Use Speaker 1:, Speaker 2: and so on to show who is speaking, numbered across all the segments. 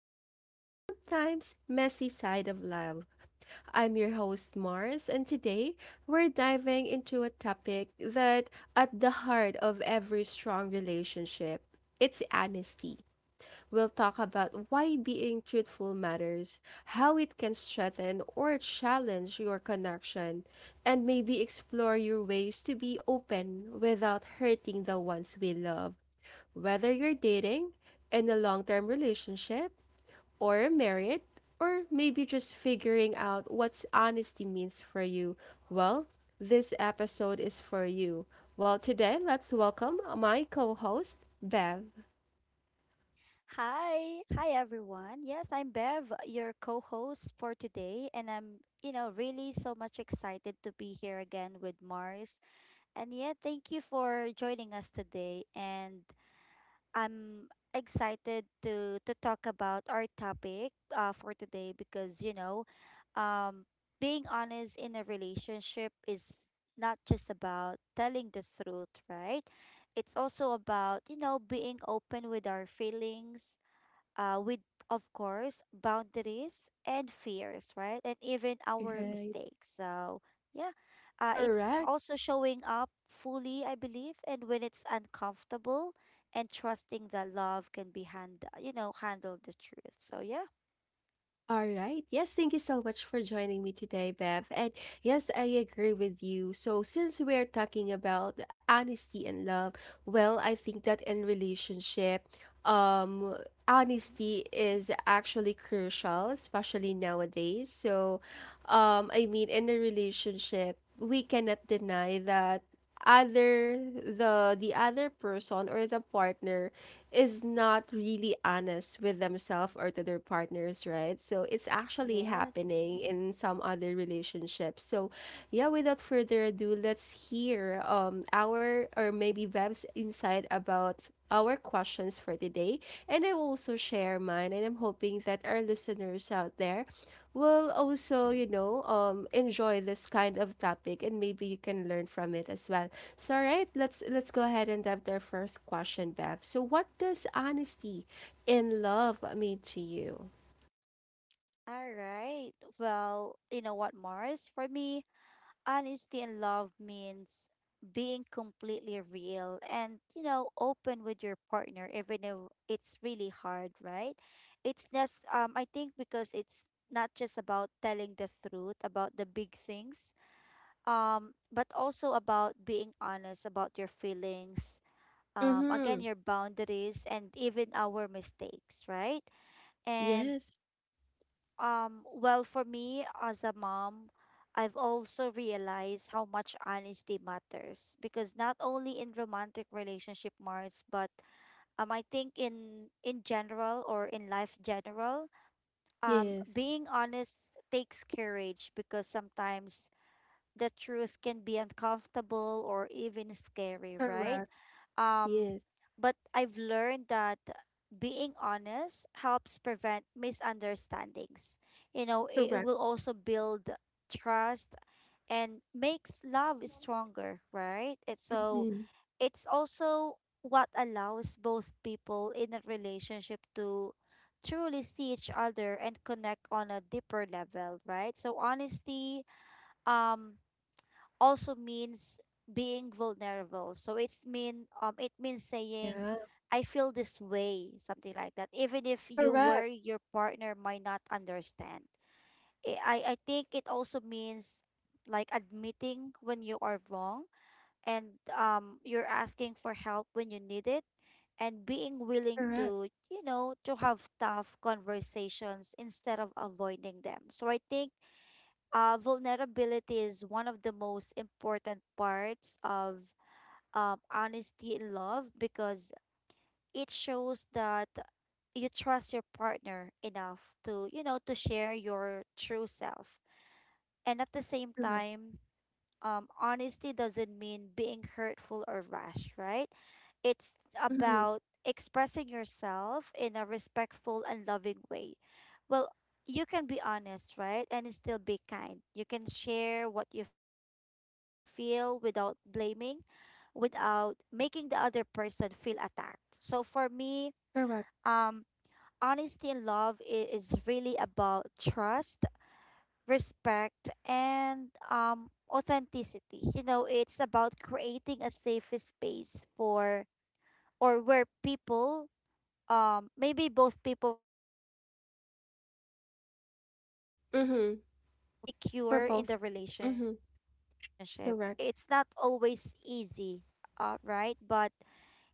Speaker 1: raw, and sometimes messy side of love. I'm your host, Mars, and today we're diving into a topic that at the heart of every strong relationship. It's honesty. We'll talk about why being truthful matters, how it can strengthen or challenge your connection, and maybe explore your ways to be open without hurting the ones we love. Whether you're dating, in a long term relationship, or married, or maybe just figuring out what honesty means for you, well, this episode is for you. Well, today, let's welcome my co host, Bev.
Speaker 2: Hi. Hi, everyone. Yes, I'm Bev, your co host for today. And I'm really so much excited to be here again with Mars. And yeah, thank you for joining us today. And I'm excited to talk about our topic for today because, um, being honest in a relationship is not just about telling the truth, right? It's also about, you know, being open with our feelings uh, with, of course, boundaries and fears, right? And even our
Speaker 1: Right.
Speaker 2: mistakes. So, yeah, it's
Speaker 1: Correct.
Speaker 2: also showing up fully, I believe, and when it's uncomfortable and trusting that love can be handle the truth. So, yeah.
Speaker 1: All right. Yes, thank you so much for joining me today, Bev. And yes, I agree with you. So, since we're talking about honesty and love, well, I think that in relationship, um,
Speaker 2: Mhm.
Speaker 1: honesty is actually crucial, especially nowadays. So, I mean, in a relationship, we cannot deny that other the other person or the partner is not really honest with themselves or to their partners, right? So it's actually
Speaker 2: Yes.
Speaker 1: happening in some other relationships. So yeah, without further ado, let's hear our, or maybe Bev's, insight about our questions for today, and I will also share mine. And I'm hoping that our listeners out there will also, you know, enjoy this kind of topic, and maybe you can learn from it as well. So, all right, let's go ahead and have their first question, Bev. So, what does honesty in love mean to you?
Speaker 2: All right. Well, you know what, Mars? For me, honesty in love means being completely real and, you know, open with your partner, even though it's really hard, right? It's just, I think because it's not just about telling the truth about the big things, but also about being honest about your feelings, again,
Speaker 1: Mm-hmm.
Speaker 2: your boundaries, and even our mistakes, right? And
Speaker 1: Yes.
Speaker 2: well, for me as a mom, I've also realized how much honesty matters because not only in romantic relationship, Mars, but I think in general or in life general,
Speaker 1: Yes.
Speaker 2: being honest takes courage because sometimes the truth can be uncomfortable or even scary, right?
Speaker 1: Correct.
Speaker 2: Um,
Speaker 1: Yes.
Speaker 2: but I've learned that being honest helps prevent misunderstandings. You know, it
Speaker 1: Correct.
Speaker 2: will also build trust and makes love stronger, right?
Speaker 1: Mm-hmm.
Speaker 2: It's also what allows both people in a relationship to truly see each other and connect on a deeper level, right? So honesty um also means being vulnerable. So it means saying
Speaker 1: Yeah.
Speaker 2: I feel this way, something like that. Even if you
Speaker 1: Correct.
Speaker 2: worry your partner might not understand. I think it also means like admitting when you are wrong and you're asking for help when you need it and being willing
Speaker 1: Correct.
Speaker 2: to to have tough conversations instead of avoiding them. So I think vulnerability is one of the most important parts of honesty in love because it shows that you trust your partner enough to to share your true self, and at the same
Speaker 1: Correct.
Speaker 2: time, honesty doesn't mean being hurtful or rash, right? It's
Speaker 1: Mm-hmm.
Speaker 2: about expressing yourself in a respectful and loving way. Well, you can be honest, right? And still be kind. You can share what you feel without blaming, without making the other person feel attacked. So for me,
Speaker 1: Correct.
Speaker 2: um, honesty and love is really about trust, respect, and authenticity. You know, it's about creating a safe space for or where people, maybe both people can be themselves, right? Grow together,
Speaker 1: Mm-hmm.
Speaker 2: feel
Speaker 1: For both.
Speaker 2: secure
Speaker 1: Mm-hmm.
Speaker 2: in the relationship.
Speaker 1: Correct.
Speaker 2: It's not always easy, right? But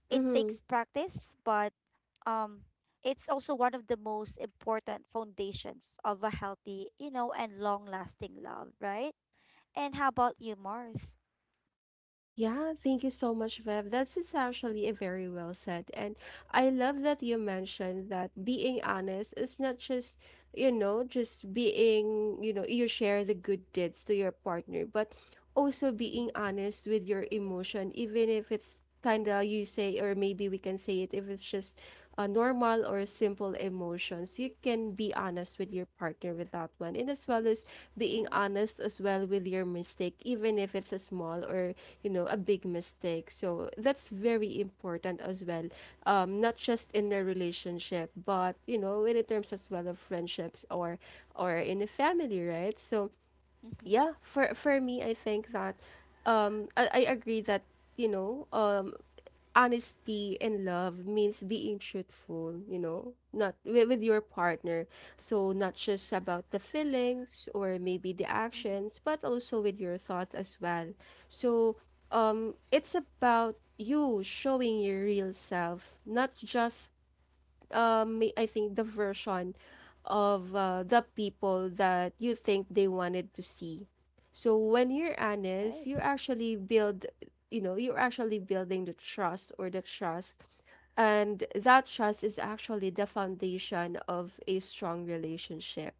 Speaker 2: it
Speaker 1: Mm-hmm.
Speaker 2: takes practice, but um, it's also one of the most important foundations of a healthy, you know, and long lasting love, right? And how about you, Mars?
Speaker 1: Yeah, thank you so much, Bev. That's is actually a very well said. And I love that you mentioned that being honest is not just, you know, just being, you know, you share the good deeds to your partner, but also being
Speaker 2: Mm-hmm.
Speaker 1: honest with your emotion, even if it's kind of you say, or maybe we can say it if it's just a normal or simple emotions. You can be honest with your partner with that one, and as well as being
Speaker 2: Yes.
Speaker 1: honest as well with your mistake, even if it's a small or you know a big mistake. So that's very important as well, not just in a relationship, but you know in terms as well of friendships, or in a family, right? So
Speaker 2: Mm-hmm.
Speaker 1: yeah, for me, I think that I agree that, you know, honesty in love means being truthful, you know, not with your partner. So not just about the feelings or maybe the
Speaker 2: Mm-hmm.
Speaker 1: actions, but also with your thoughts as well. So it's about you showing your real self, not just I think the version of the people that you think they wanted to see. So when you're honest,
Speaker 2: Right.
Speaker 1: you actually build, you know, you're actually building the trust, or the trust. And that trust is actually the foundation of a strong relationship.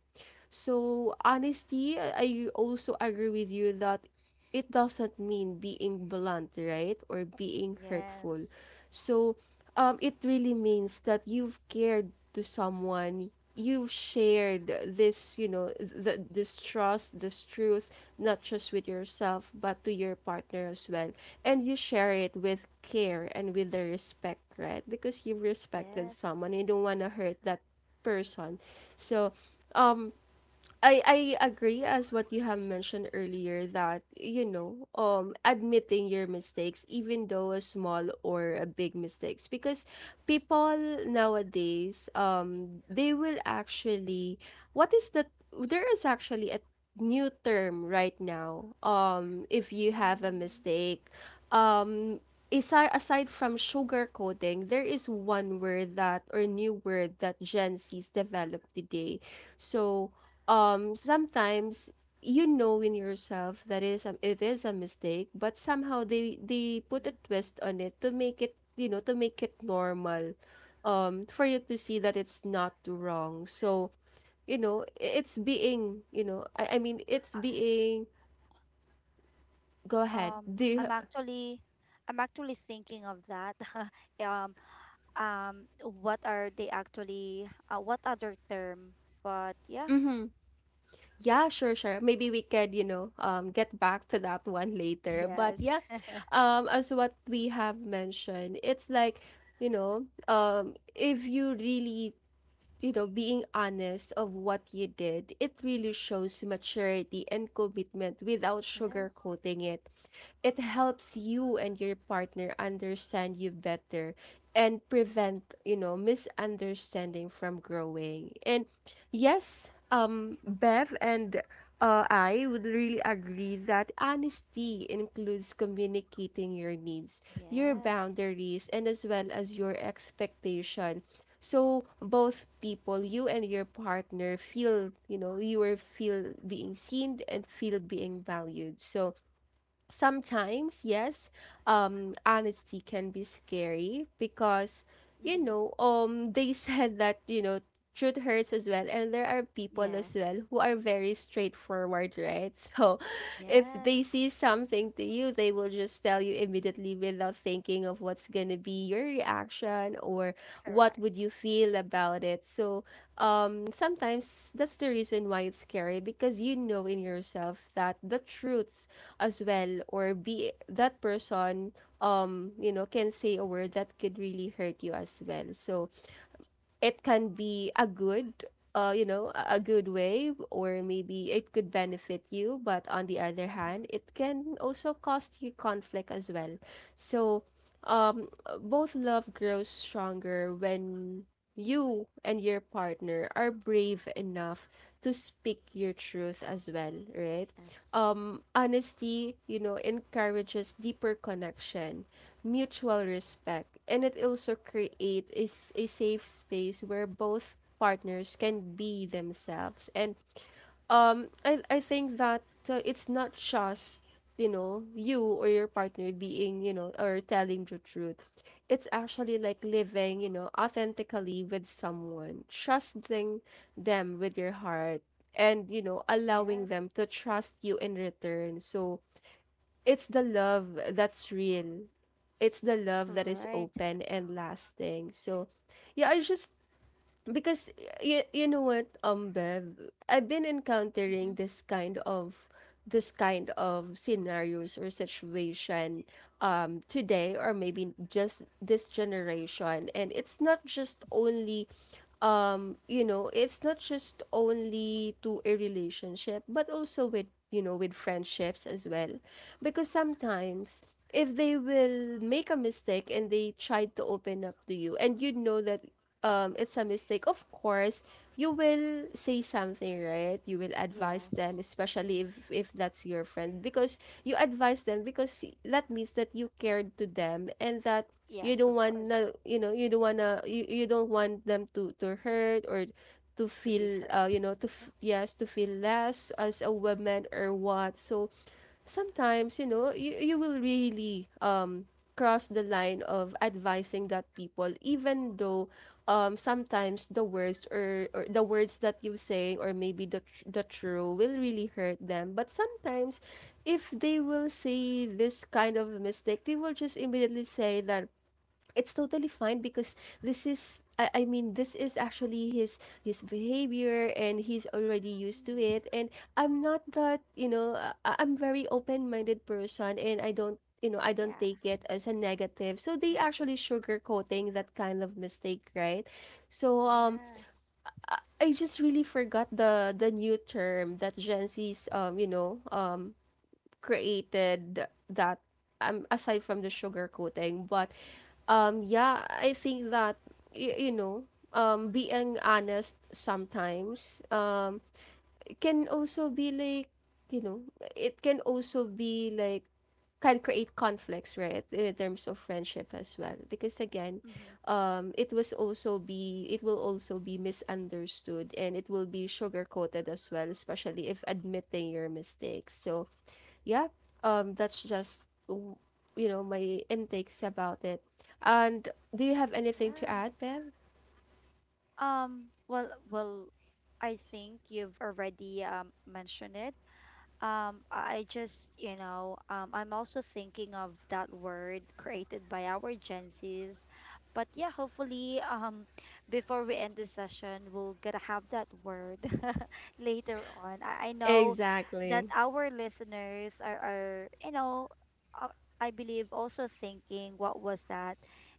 Speaker 1: So honesty, I also agree with you that it doesn't mean being blunt, right? Or being hurtful.
Speaker 2: Yes.
Speaker 1: So, it really means that you've cared to someone, you've shared this, you know, this trust, this truth, not just with yourself, but to your partner as well. And you share it with care and with the respect, right? Because you've respected
Speaker 2: Yes.
Speaker 1: someone, you don't want to hurt that person. So, um, I agree as what you have mentioned earlier, that you know admitting your mistakes, even though a small or a big mistakes. Because people nowadays they will actually, what is the, there is actually a new term right now, if you have a
Speaker 2: Mm-hmm.
Speaker 1: mistake, um Isa aside from sugarcoating, there is one word that, or new word, that Gen Z's developed today. So, sometimes you know in yourself that it is a mistake, but somehow they put a twist on it to make it, you know, to make it normal, for you to see that it's not wrong. So you know it's being, you know I mean it's
Speaker 2: I,
Speaker 1: being. Go ahead.
Speaker 2: um,
Speaker 1: Do
Speaker 2: I'm actually, I'm actually thinking of that. um, what are they actually? What other term? But yeah,
Speaker 1: you, yeah, sure, sure. Maybe we could, you know, get back to that one later. But yeah,
Speaker 2: yes,
Speaker 1: as what we have mentioned, it's like, you know, if you really, you know, being honest of what you did, it really shows maturity and commitment without
Speaker 2: yes.
Speaker 1: sugarcoating it. It helps you and your partner understand you better and prevent, you know, misunderstanding from growing. And yes, Bev, and I would really agree that
Speaker 2: Mhm.
Speaker 1: honesty includes communicating your needs, your
Speaker 2: Yes.
Speaker 1: boundaries, and as well as your expectation. So both people, you and your partner, feel, you know, you are feel being seen and feel being valued. So sometimes yes, honesty can be scary because you
Speaker 2: Mm-hmm.
Speaker 1: know they said that you know truth hurts as well, and there are people as
Speaker 2: Yes,
Speaker 1: well who are very straightforward, right? So if they see
Speaker 2: yes.
Speaker 1: something to you, they will just tell you immediately without thinking of what's gonna be your reaction, or what would
Speaker 2: Correct.
Speaker 1: you feel about it. So sometimes that's the reason why it's scary, because you know in yourself that the truths as well, or be that person, you know, can say a word that could really hurt you as well. So it can be a good you know a good way, or maybe it could benefit you, but on the other hand
Speaker 2: Mm-hmm.
Speaker 1: it can also cost you conflict as well. So um both love grows stronger when you and your partner are brave enough to speak your truth as well, right?
Speaker 2: Yes.
Speaker 1: Honesty, you know, encourages deeper connection, mutual respect, and it also creates a safe space where both partners can be themselves. And I think that it's not just you know you or your partner being, you know, or telling the truth. It's actually like living, you know, authentically with someone, trusting them with your heart, and you know
Speaker 2: Yes.
Speaker 1: allowing them to trust you in return. So it's the love that's real, it's the love that is
Speaker 2: Right.
Speaker 1: open and lasting. So yeah, I just, because you know what Bev, I've been
Speaker 2: Mm-hmm.
Speaker 1: encountering this kind of, this kind of scenarios or situation today, or maybe just this generation.
Speaker 2: Hmm.
Speaker 1: And it's not just only you know, it's not just only to a relationship, but also with, you know, with friendships as well. Because sometimes, if they will make a mistake and they try to open up to you, and you know that it's a mistake, of course you will say something, right? You will advise
Speaker 2: Yes.
Speaker 1: them, especially if that's your friend. Because you advise them because that means that you cared to them, and that you
Speaker 2: Yes,
Speaker 1: don't
Speaker 2: of
Speaker 1: want
Speaker 2: course.
Speaker 1: to you know, you don't want to, you don't want them to hurt, or to
Speaker 2: To be
Speaker 1: feel
Speaker 2: hurt.
Speaker 1: you know to
Speaker 2: Yeah.
Speaker 1: yes, to feel less as a woman or what. So sometimes you know you will really cross the line of advising that people, even though sometimes the words, or the words that you saying, or maybe the the true will really hurt them. But sometimes if they will see this kind of mistake, they will just immediately say that it's totally fine, because this is I mean this is actually his behavior and he's already used to
Speaker 2: Mm.
Speaker 1: it. And I'm not that, you know, I'm very open-minded person, and I don't you know I don't
Speaker 2: Yeah.
Speaker 1: take it as a negative. So they
Speaker 2: Negative.
Speaker 1: actually sugarcoating that kind of mistake, right? So
Speaker 2: Yes.
Speaker 1: I just really forgot the new term that Gen Z's you know created, that aside from the sugar coating. But yeah, I think that you know being honest sometimes, it can also be like, you know, it can also be like can create conflicts, right? In terms of friendship as well, because again
Speaker 2: Mm-hmm.
Speaker 1: it was also be, it will also be misunderstood, and it will be sugar coated as well, especially if admitting your mistakes. So yeah, that's just you know my intakes about it. And do you have anything to
Speaker 2: Yeah.
Speaker 1: add, Bev?
Speaker 2: Well, I think you've already mentioned it. I just, you know, I'm also thinking of that word created by our Gen Zs. But yeah, hopefully, before we end the session, we'll gonna have that word later on. I know that
Speaker 1: Exactly.
Speaker 2: our listeners are you know, uh, I believe also thinking what was that,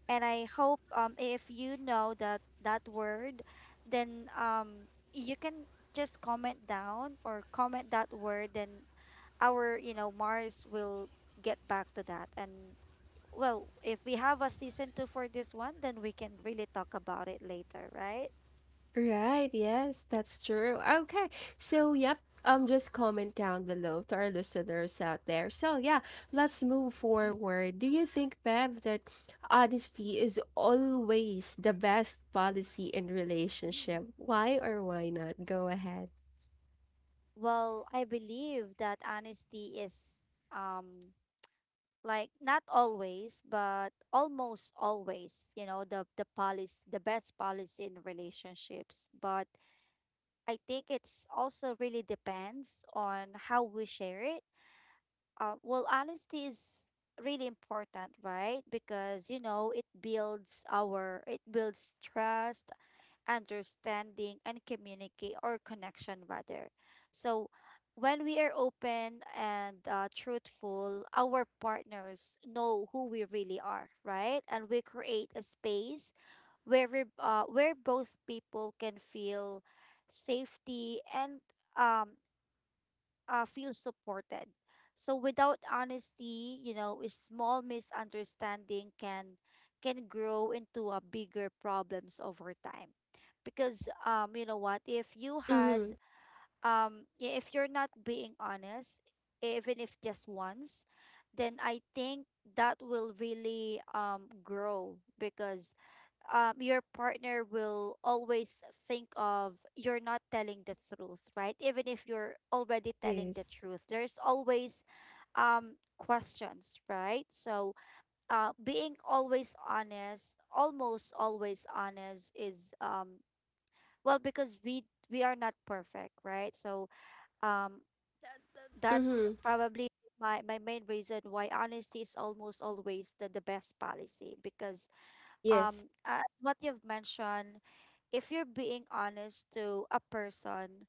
Speaker 2: and I hope if you know that that word, then you can just comment down or comment that word, then our, you know, Mars will get back to that. And well, if we have a season two for this one, then we can really talk about it later, right?
Speaker 1: Right, yes, that's true. Okay. So, yep, just comment down below to our listeners out there. So, yeah, let's move
Speaker 2: Mm.
Speaker 1: forward. Do you think, Bev, that honesty is always the best policy in
Speaker 2: Mm.
Speaker 1: relationship? Why or why not? Go ahead.
Speaker 2: Well, I believe that honesty is like not always, but almost always, you know, the policy, the best policy in relationships. But I think it's also really depends on how we share it. Well, honesty is really important, right? Because you know it builds trust, understanding, and communicate or connection rather. So when we are open and truthful, our partners know who we really are, right? And we create a space where we, where both people can feel safety and um feel supported. So without honesty, you know, a small misunderstanding can grow into a bigger problems over time. Because you know what, if you had
Speaker 1: Mhm.
Speaker 2: yeah, if you're not being honest, even if just once, then I think that will really grow because your partner will always think of you're not telling the truth, right? Even if you're already telling the
Speaker 1: Yes.
Speaker 2: truth, there's always questions, right? So being always honest, almost always honest is well because we are not perfect, right? So um, that's
Speaker 1: Mhm.
Speaker 2: probably my, my main reason why honesty is almost always the best policy because
Speaker 1: Yes.
Speaker 2: as what you've mentioned, if you're being honest to a person,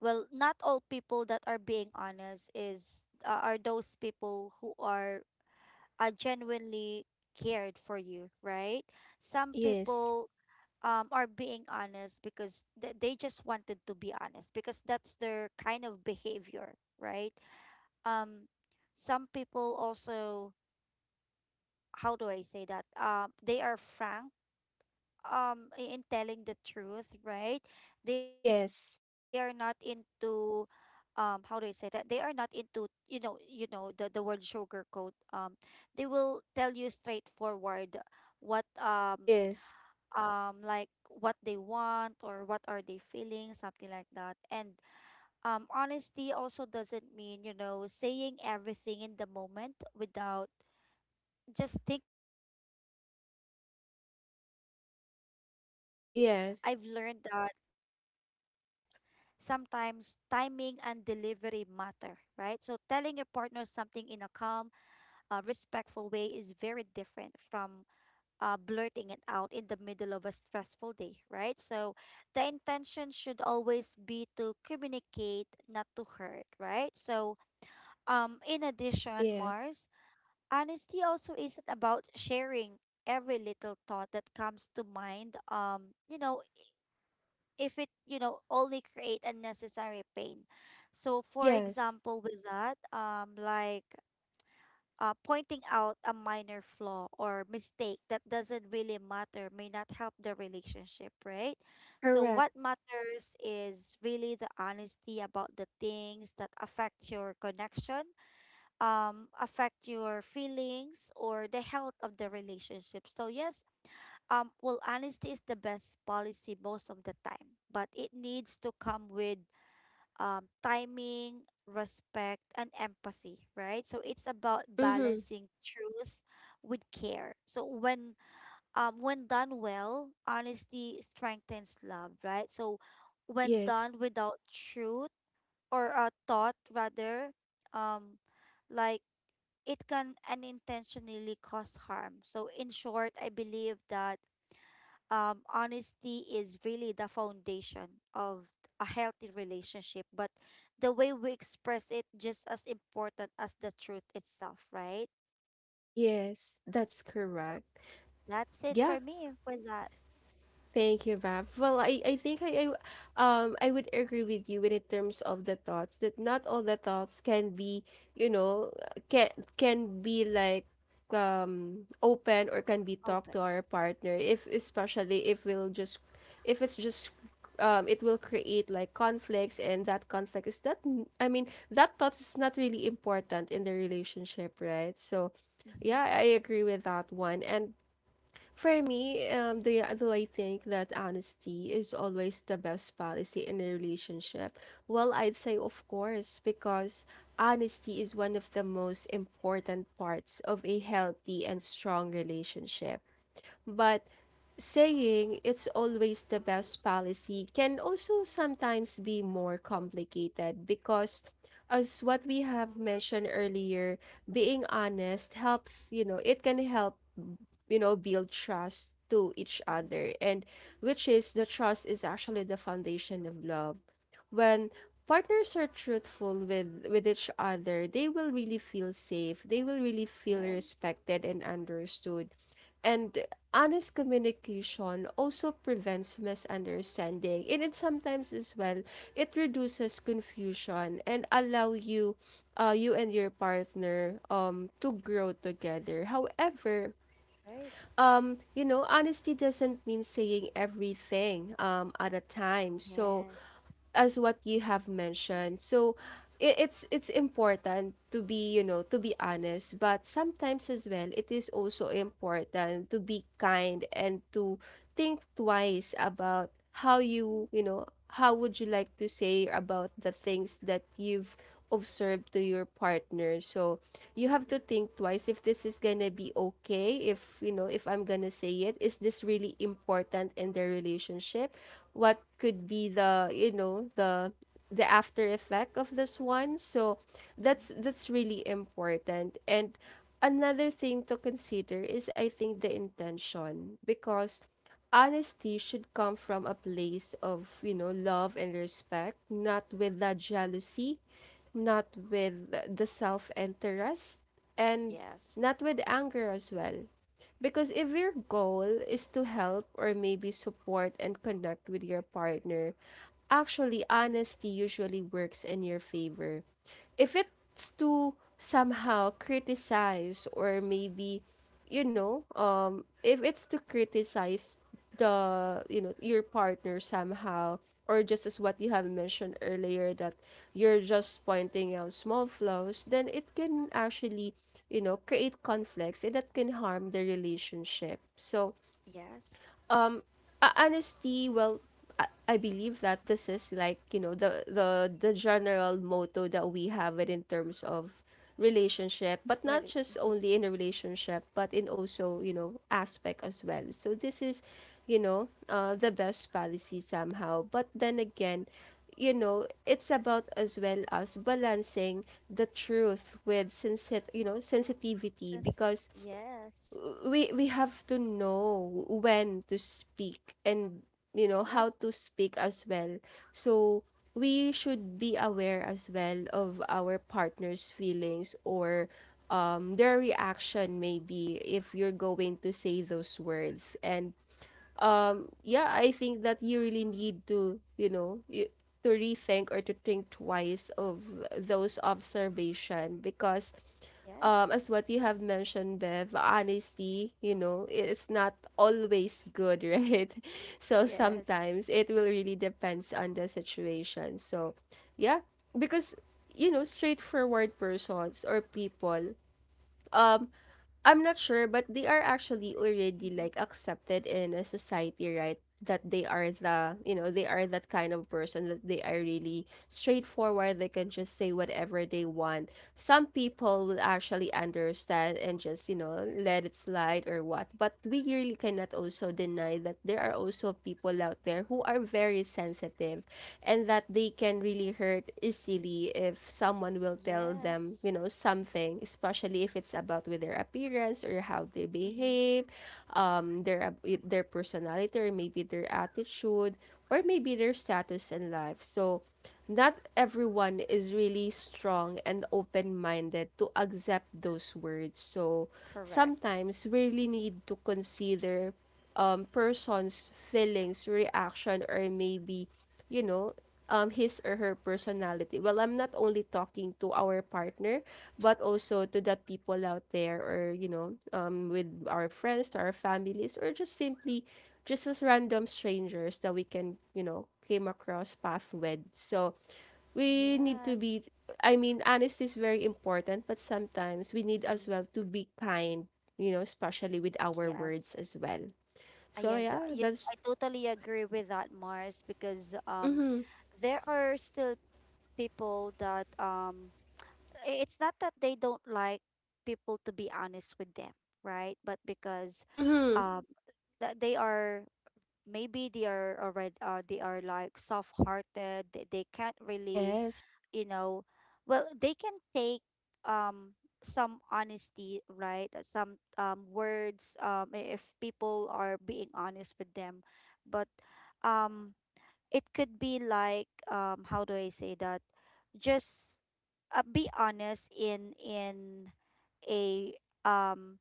Speaker 2: well not all people that are being honest is are those people who are genuinely cared for you, right? Some
Speaker 1: Yes.
Speaker 2: people are being honest because they just wanted to be honest because that's their kind of behavior, right? um some people also, how do I say that, they are frank, in telling the truth, right? They are not
Speaker 1: Yes.
Speaker 2: into how do I say that? They are not into you know the word sugarcoat. They will tell you straightforward what
Speaker 1: Yes.
Speaker 2: like what they want or what are they feeling something like that. And honesty also doesn't mean you know saying everything in the moment without just thinking about the other person's feelings, so like for example for me I've
Speaker 1: Yes.
Speaker 2: learned that sometimes timing and delivery matter, right? So telling your partner something in a calm, respectful way is very different from blurting it out in the middle of a stressful day, right? So the intention should always be to communicate, not to hurt, right? So in addition,
Speaker 1: Yeah.
Speaker 2: Mars, honesty also isn't about sharing every little thought that comes to mind, you know, if it you know only create unnecessary pain. So for
Speaker 1: Yes.
Speaker 2: example with that, pointing out a minor flaw or mistake that doesn't really matter may not help the relationship, right? So
Speaker 1: Correct.
Speaker 2: what matters is really the honesty about the things that affect your connection, affect your feelings or the health of the relationship. So yes, well, honesty is the best policy most of the time, but it needs to come with timing, respect, and empathy, right? So it's about
Speaker 1: Mm-hmm.
Speaker 2: balancing truth with care. So when done well, honesty strengthens love, right? So when
Speaker 1: Yes.
Speaker 2: done without truth or a thought, rather, um, like it can unintentionally cause harm. So in short, I believe that honesty is really the foundation of a healthy relationship, but the way we express it just as important as the truth itself, right?
Speaker 1: Yes. That's
Speaker 2: So
Speaker 1: correct.
Speaker 2: that's it
Speaker 1: Yeah.
Speaker 2: for me with that.
Speaker 1: Thank you, Bev. Well, I think I I would agree with you in terms of the thoughts that not all the thoughts can be, you know, can can be like open or can be talked
Speaker 2: Open.
Speaker 1: to our partner if especially if we'll just if it's just it will create like conflicts and that conflict is that I mean that thought is not really important in the relationship, right? So
Speaker 2: Mm-hmm.
Speaker 1: yeah, I agree with that one. And for me, do I think that honesty is always the best policy in a relationship? Well, I'd say, of course, because honesty is one of the most important parts of a healthy and strong relationship. But saying it's always the best policy can also sometimes be more complicated because, as what we have mentioned earlier, being honest helps, you know, it can help, you know, build trust to each
Speaker 2: Mm-hmm.
Speaker 1: other, and which is the trust is actually the foundation of love. When partners are truthful with each other, they will really feel safe. They will really feel
Speaker 2: Yes,
Speaker 1: respected and understood. And honest communication also prevents misunderstanding. And it sometimes as well, it reduces confusion and allow you and your partner to grow together. However,
Speaker 2: great.
Speaker 1: you know, honesty doesn't mean saying everything at a time. So,
Speaker 2: Yes.
Speaker 1: as what you have mentioned, so it's important to be, you know, to be honest, but sometimes as well, it is also important to be kind and to think twice about how how would you like to say about the things that you've of serve to your partner. So you have to
Speaker 2: Mm-hmm.
Speaker 1: think twice if this is gonna be okay, if you know, if I'm gonna say it, is this really important in their relationship? What could be the, you know, the after effect of this one? So
Speaker 2: Mm-hmm.
Speaker 1: that's really important. And another thing to consider is I think the intention, because honesty should come from a place of, you know, love and respect, not with that jealousy, not with the self interest, and
Speaker 2: Yes.
Speaker 1: not with anger as well, because if your goal is to help or maybe support and connect with your partner, actually
Speaker 2: Mm-hmm.
Speaker 1: honesty usually works in your favor. If it's to somehow criticize or maybe, if it's to criticize the, you know, your partner somehow, or just as what you have mentioned earlier, that you're just pointing out small flaws, then it can actually, you know, create conflicts and that can harm the relationship. So,
Speaker 2: Yes.
Speaker 1: um honesty, well, I believe that this is like, you know, the general motto that we have it in terms of relationship, but not
Speaker 2: Really.
Speaker 1: just
Speaker 2: Mm-hmm.
Speaker 1: only in a relationship but in also, you know, aspect as well. So this is, you know, the best policy somehow, but then again, you know, it's about as well as balancing the truth with sensit you know sensitivity,
Speaker 2: Sensitive.
Speaker 1: because
Speaker 2: Yes.
Speaker 1: we have to know when to speak, and you know
Speaker 2: Yep.
Speaker 1: how to speak as well. So we should be aware as well of our partner's feelings or their reaction maybe if you're going to say those words. And yeah, I think that you really need to, to rethink or to think twice of those observation, because
Speaker 2: Yes.
Speaker 1: as what you have mentioned, Bev, honesty, you know, it's not always good, right? So
Speaker 2: Yes.
Speaker 1: sometimes it will really depends on the situation. So, yeah, because, you know, straightforward persons or people, um, I'm not sure, but they
Speaker 2: Mm-hmm.
Speaker 1: are actually already like accepted in a society, right? That they are the, you know, they are that kind of person that they are really straightforward. They can just say whatever they want. Some people will actually understand and just, you know, let it slide or what. But we really cannot also deny that there are also people out there who are very sensitive, and that they can really hurt easily if someone will tell them,
Speaker 2: Yes.
Speaker 1: you know, something, especially if it's about with their appearance or how they
Speaker 2: Mm-hmm.
Speaker 1: behave, their personality or maybe their attitude or maybe their status in life. So not everyone is really strong and open-minded to accept those words. So
Speaker 2: Correct.
Speaker 1: sometimes we really need to consider, person's feelings, reaction, or maybe, you know, his or her personality. Well, I'm not only talking to our partner, but also to the people out there, or you know, with our friends, to our families, or just simply, just as random strangers that we can, you know, came across path with. So we need to
Speaker 2: Yes.
Speaker 1: be, I mean, honesty is very important, but sometimes we need as
Speaker 2: Mm-hmm.
Speaker 1: well to be kind, you know, especially with our words
Speaker 2: Yes.
Speaker 1: as well. So yeah,
Speaker 2: You,
Speaker 1: that's...
Speaker 2: I totally agree with that, Mars, because
Speaker 1: Mhm.
Speaker 2: there are still people that it's not that they don't like people to be honest with them, right? But because
Speaker 1: Mhm.
Speaker 2: um, that they are maybe they are already they are like soft-hearted, they can't really
Speaker 1: Yes.
Speaker 2: you know well they can take um some honesty, right? Some words if people are being honest with them, but um it could be like, um, how do I say that, just be honest in a um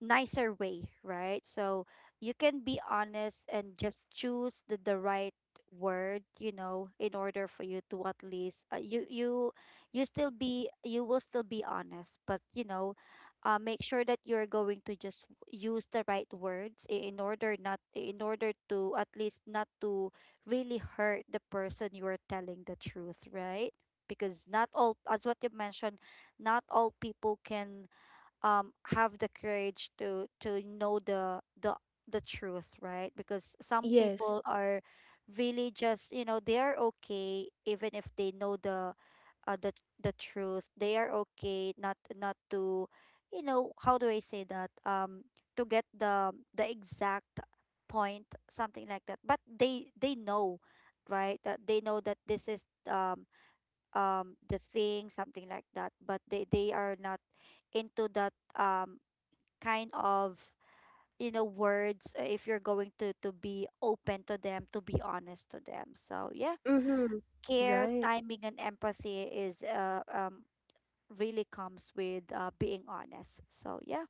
Speaker 2: nicer way, right? So you can be honest and just choose the right word, you know, in order for you to at least you still be you will still be honest, but you know, make sure that you're going to just use the right words in order not in order to at least not to really hurt the person you are telling the truth, right? Because not all, as what you mentioned, not all people can have the courage to know the truth, right? Because some
Speaker 1: Yes.
Speaker 2: people are really just, you know, they are okay even if they know the uh, the the truth. They are okay not to, you know, how do I say that, to get the exact point, something like that, but they know, right? That they know that this is the sing, something like that, but they are not into that kind of, you know, words. If you're going to be open to them, to be honest to them. So yeah.
Speaker 1: Mhm.
Speaker 2: Care,
Speaker 1: Right.
Speaker 2: timing, and empathy is, really comes with, being honest. So yeah.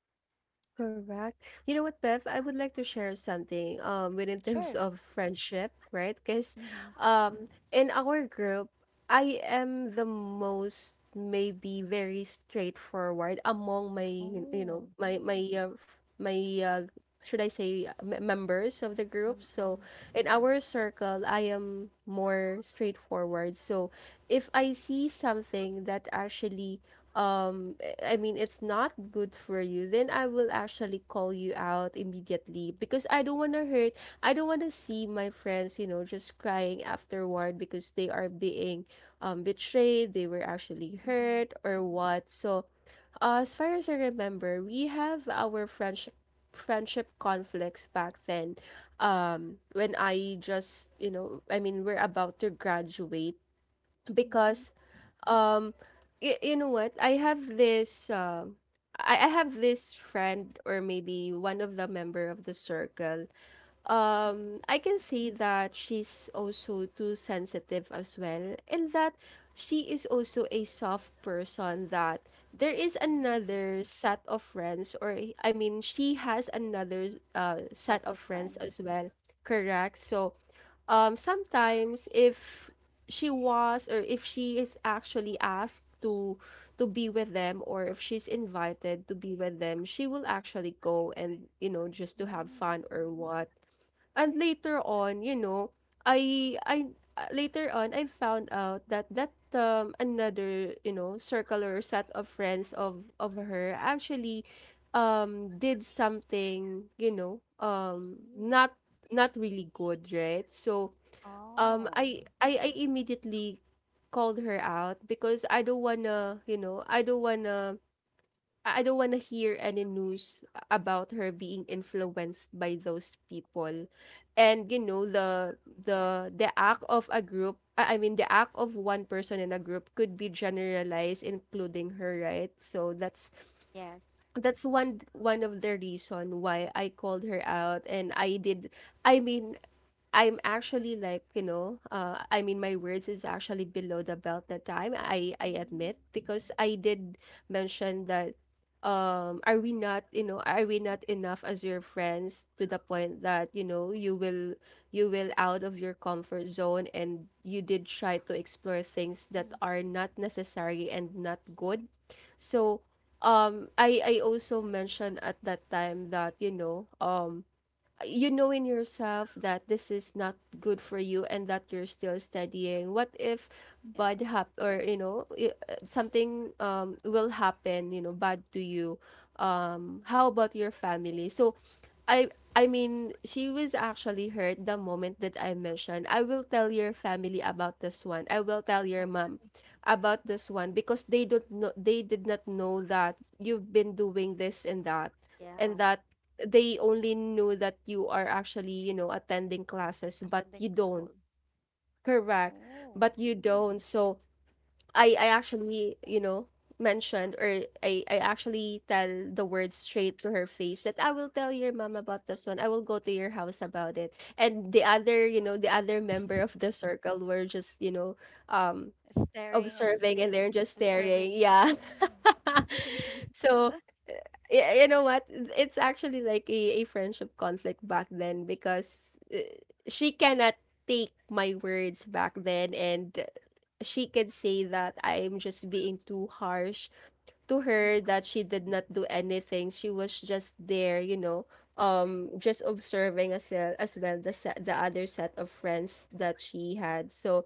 Speaker 1: Correct. You know what, Bev? I would like to share something within terms
Speaker 2: Sure.
Speaker 1: of friendship, right? Because
Speaker 2: Mm-hmm.
Speaker 1: in our group, I am the most maybe very straightforward among my you know
Speaker 2: Oh.
Speaker 1: my my f- my uh, should I say, members of the group. So
Speaker 2: Mm-hmm.
Speaker 1: in our circle, I am more straightforward. So if I see something that actually, um, I mean, it's not good for you, then I will actually call you out immediately because I don't want to hurt. I don't want to see my friends, you know, just crying afterward because they are being, betrayed, they were actually
Speaker 2: Mm-hmm.
Speaker 1: hurt or what. So as far as I remember, we have our friendship conflicts back then. When I just, you know, I mean, we're about to graduate,
Speaker 2: Mm-hmm.
Speaker 1: because um, you know what? I have this friend or maybe one of the member of the circle,
Speaker 2: Mm-hmm.
Speaker 1: I can say that she's also too sensitive as well, and that she is also a soft person, that there is
Speaker 2: Mm.
Speaker 1: another set of friends, or I mean she has another
Speaker 2: Set
Speaker 1: set of
Speaker 2: of
Speaker 1: friends
Speaker 2: friends.
Speaker 1: as well. Correct. So sometimes if she was, or if she is actually asked to be with them, or if she's invited to be with them, she will actually go and, you know, just to have
Speaker 2: Mm.
Speaker 1: fun or what. And later on, you know, I later on I found out that another, you know, circular set of friends of her actually did something, you know,
Speaker 2: Mm.
Speaker 1: not not really good, right? So
Speaker 2: Oh,
Speaker 1: I immediately called her out because I don't wanna, you know, I don't want to hear any news about her being influenced by those people. And you know
Speaker 2: yes.
Speaker 1: the act of a group, I mean the act of one person in a group could be generalized including her, right? So that's
Speaker 2: Yes.
Speaker 1: one of the reason why I called her out. And I did, I mean, I'm actually like, you know, I mean, my words is actually below the belt that time. I
Speaker 2: Mm.
Speaker 1: admit, because I did mention that. Are we not, you know, are we not enough as your friends to the point that, you know, you will out of your comfort zone, and you did try to explore
Speaker 2: Mm-hmm.
Speaker 1: things that are not necessary and not good. So, I also mentioned at that time that, you know in yourself that this is not good for you, and that you're still studying. What if
Speaker 2: Yeah.
Speaker 1: bad hap or you know something will happen, you know, bad to you, how about your family? So i I mean she was actually hurt the moment that I mentioned I will tell your family about this one, I will tell
Speaker 2: Oh,
Speaker 1: your mom about this one, because they don't know, they did not know that you've been doing this, and that,
Speaker 2: yeah.
Speaker 1: and that they only knew that you are actually, you know, attending classes, but you
Speaker 2: Attending
Speaker 1: don't.
Speaker 2: school.
Speaker 1: Correct.
Speaker 2: Oh.
Speaker 1: But you don't. So I actually, you know, mentioned, or I actually tell the words straight to her face that I will tell your mom about this one. I will go to your house about it. And the other, you know, the other member of the circle were just, you know, um
Speaker 2: Staring as
Speaker 1: observing, and
Speaker 2: sit,
Speaker 1: they're just
Speaker 2: observing.
Speaker 1: staring, yeah.
Speaker 2: Mm.
Speaker 1: So, y you know what? It's actually like a friendship conflict back then, because, she cannot take my words back then, and she could say that I'm just being too harsh to her,
Speaker 2: Mm-hmm.
Speaker 1: that she did not do anything. She was just there, you know, just observing as well the the other set of friends that she had. So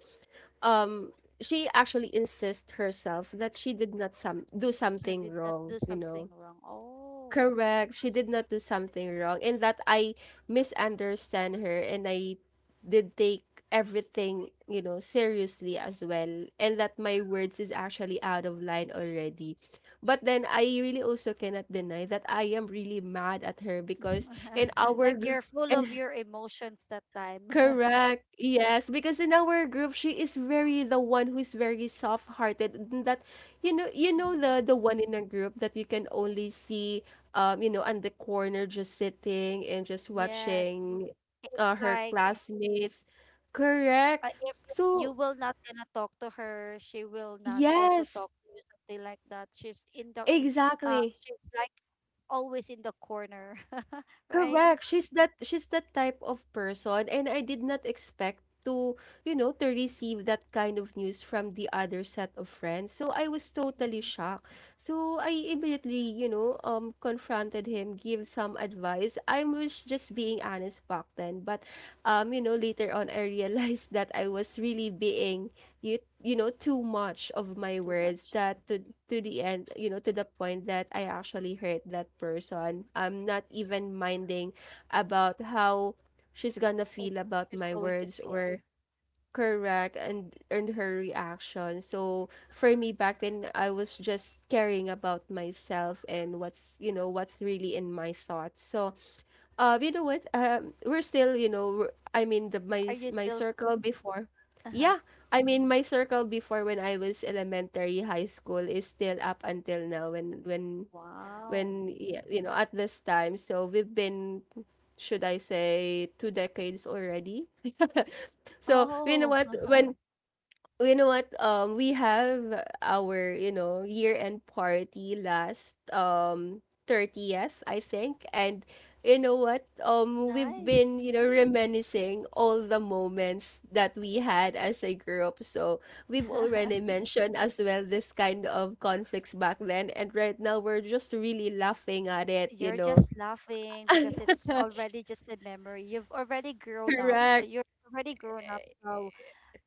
Speaker 1: um she actually insists herself that she did not some do
Speaker 2: She
Speaker 1: something
Speaker 2: did not
Speaker 1: wrong,
Speaker 2: do something wrong. Oh.
Speaker 1: correct, she did not do something wrong, and that I misunderstand her, and I did take everything, seriously as well, and that my words is actually out of line already. But then I really also cannot deny that I am really mad at her because in our
Speaker 2: Like,
Speaker 1: group.
Speaker 2: you're full of your emotions that time.
Speaker 1: Correct. Yes, because in our group, she is very the one who is very soft-hearted, and that, you know,
Speaker 2: Mhm.
Speaker 1: the one in a group that you can only see, on the corner just sitting and just
Speaker 2: Yes.
Speaker 1: watching, her
Speaker 2: Like,
Speaker 1: classmates. Correct.
Speaker 2: If, you
Speaker 1: So
Speaker 2: will not gonna talk to her, she will not also
Speaker 1: yes,
Speaker 2: talk to you, something like that. She's in the,
Speaker 1: exactly.
Speaker 2: she's like always in the corner, right?
Speaker 1: Correct. She's that type of person and I did not expect to, to receive that kind of news from the other set of friends. So I was totally
Speaker 2: Mm-hmm.
Speaker 1: shocked. So I immediately, confronted him, give some advice. I was just being honest back then, but later on I realized that I was really being too much of my
Speaker 2: Too
Speaker 1: words,
Speaker 2: much.
Speaker 1: that to the end, to the point that I actually hurt that person. I'm not even minding about how she's gonna
Speaker 2: What
Speaker 1: feel about
Speaker 2: she's
Speaker 1: my
Speaker 2: going to
Speaker 1: words
Speaker 2: feel.
Speaker 1: or correct, and her reaction. So for me back then I was just caring about myself and what's you know what's really in my thoughts. So you know what? We're still, we're- I mean, the my
Speaker 2: Are you
Speaker 1: my
Speaker 2: still?
Speaker 1: circle before.
Speaker 2: Uh-huh.
Speaker 1: Yeah, I mean, my circle before when I was elementary, high school, is still up until now. When when
Speaker 2: Wow.
Speaker 1: when yeah, at this time, so we've been, should I say, 2 decades already. So you know
Speaker 2: Oh,
Speaker 1: what? When you know what? We have our, year-end party last 30th, I think. And you know what? We've been,
Speaker 2: nice.
Speaker 1: reminiscing all the moments that we had as a group. So we've already mentioned as well this kind of conflicts back then, and right now we're just really laughing at it, you
Speaker 2: You're
Speaker 1: know.
Speaker 2: just laughing because it's already just a memory. You've already grown up. So
Speaker 1: Correct.
Speaker 2: you're already grown up. So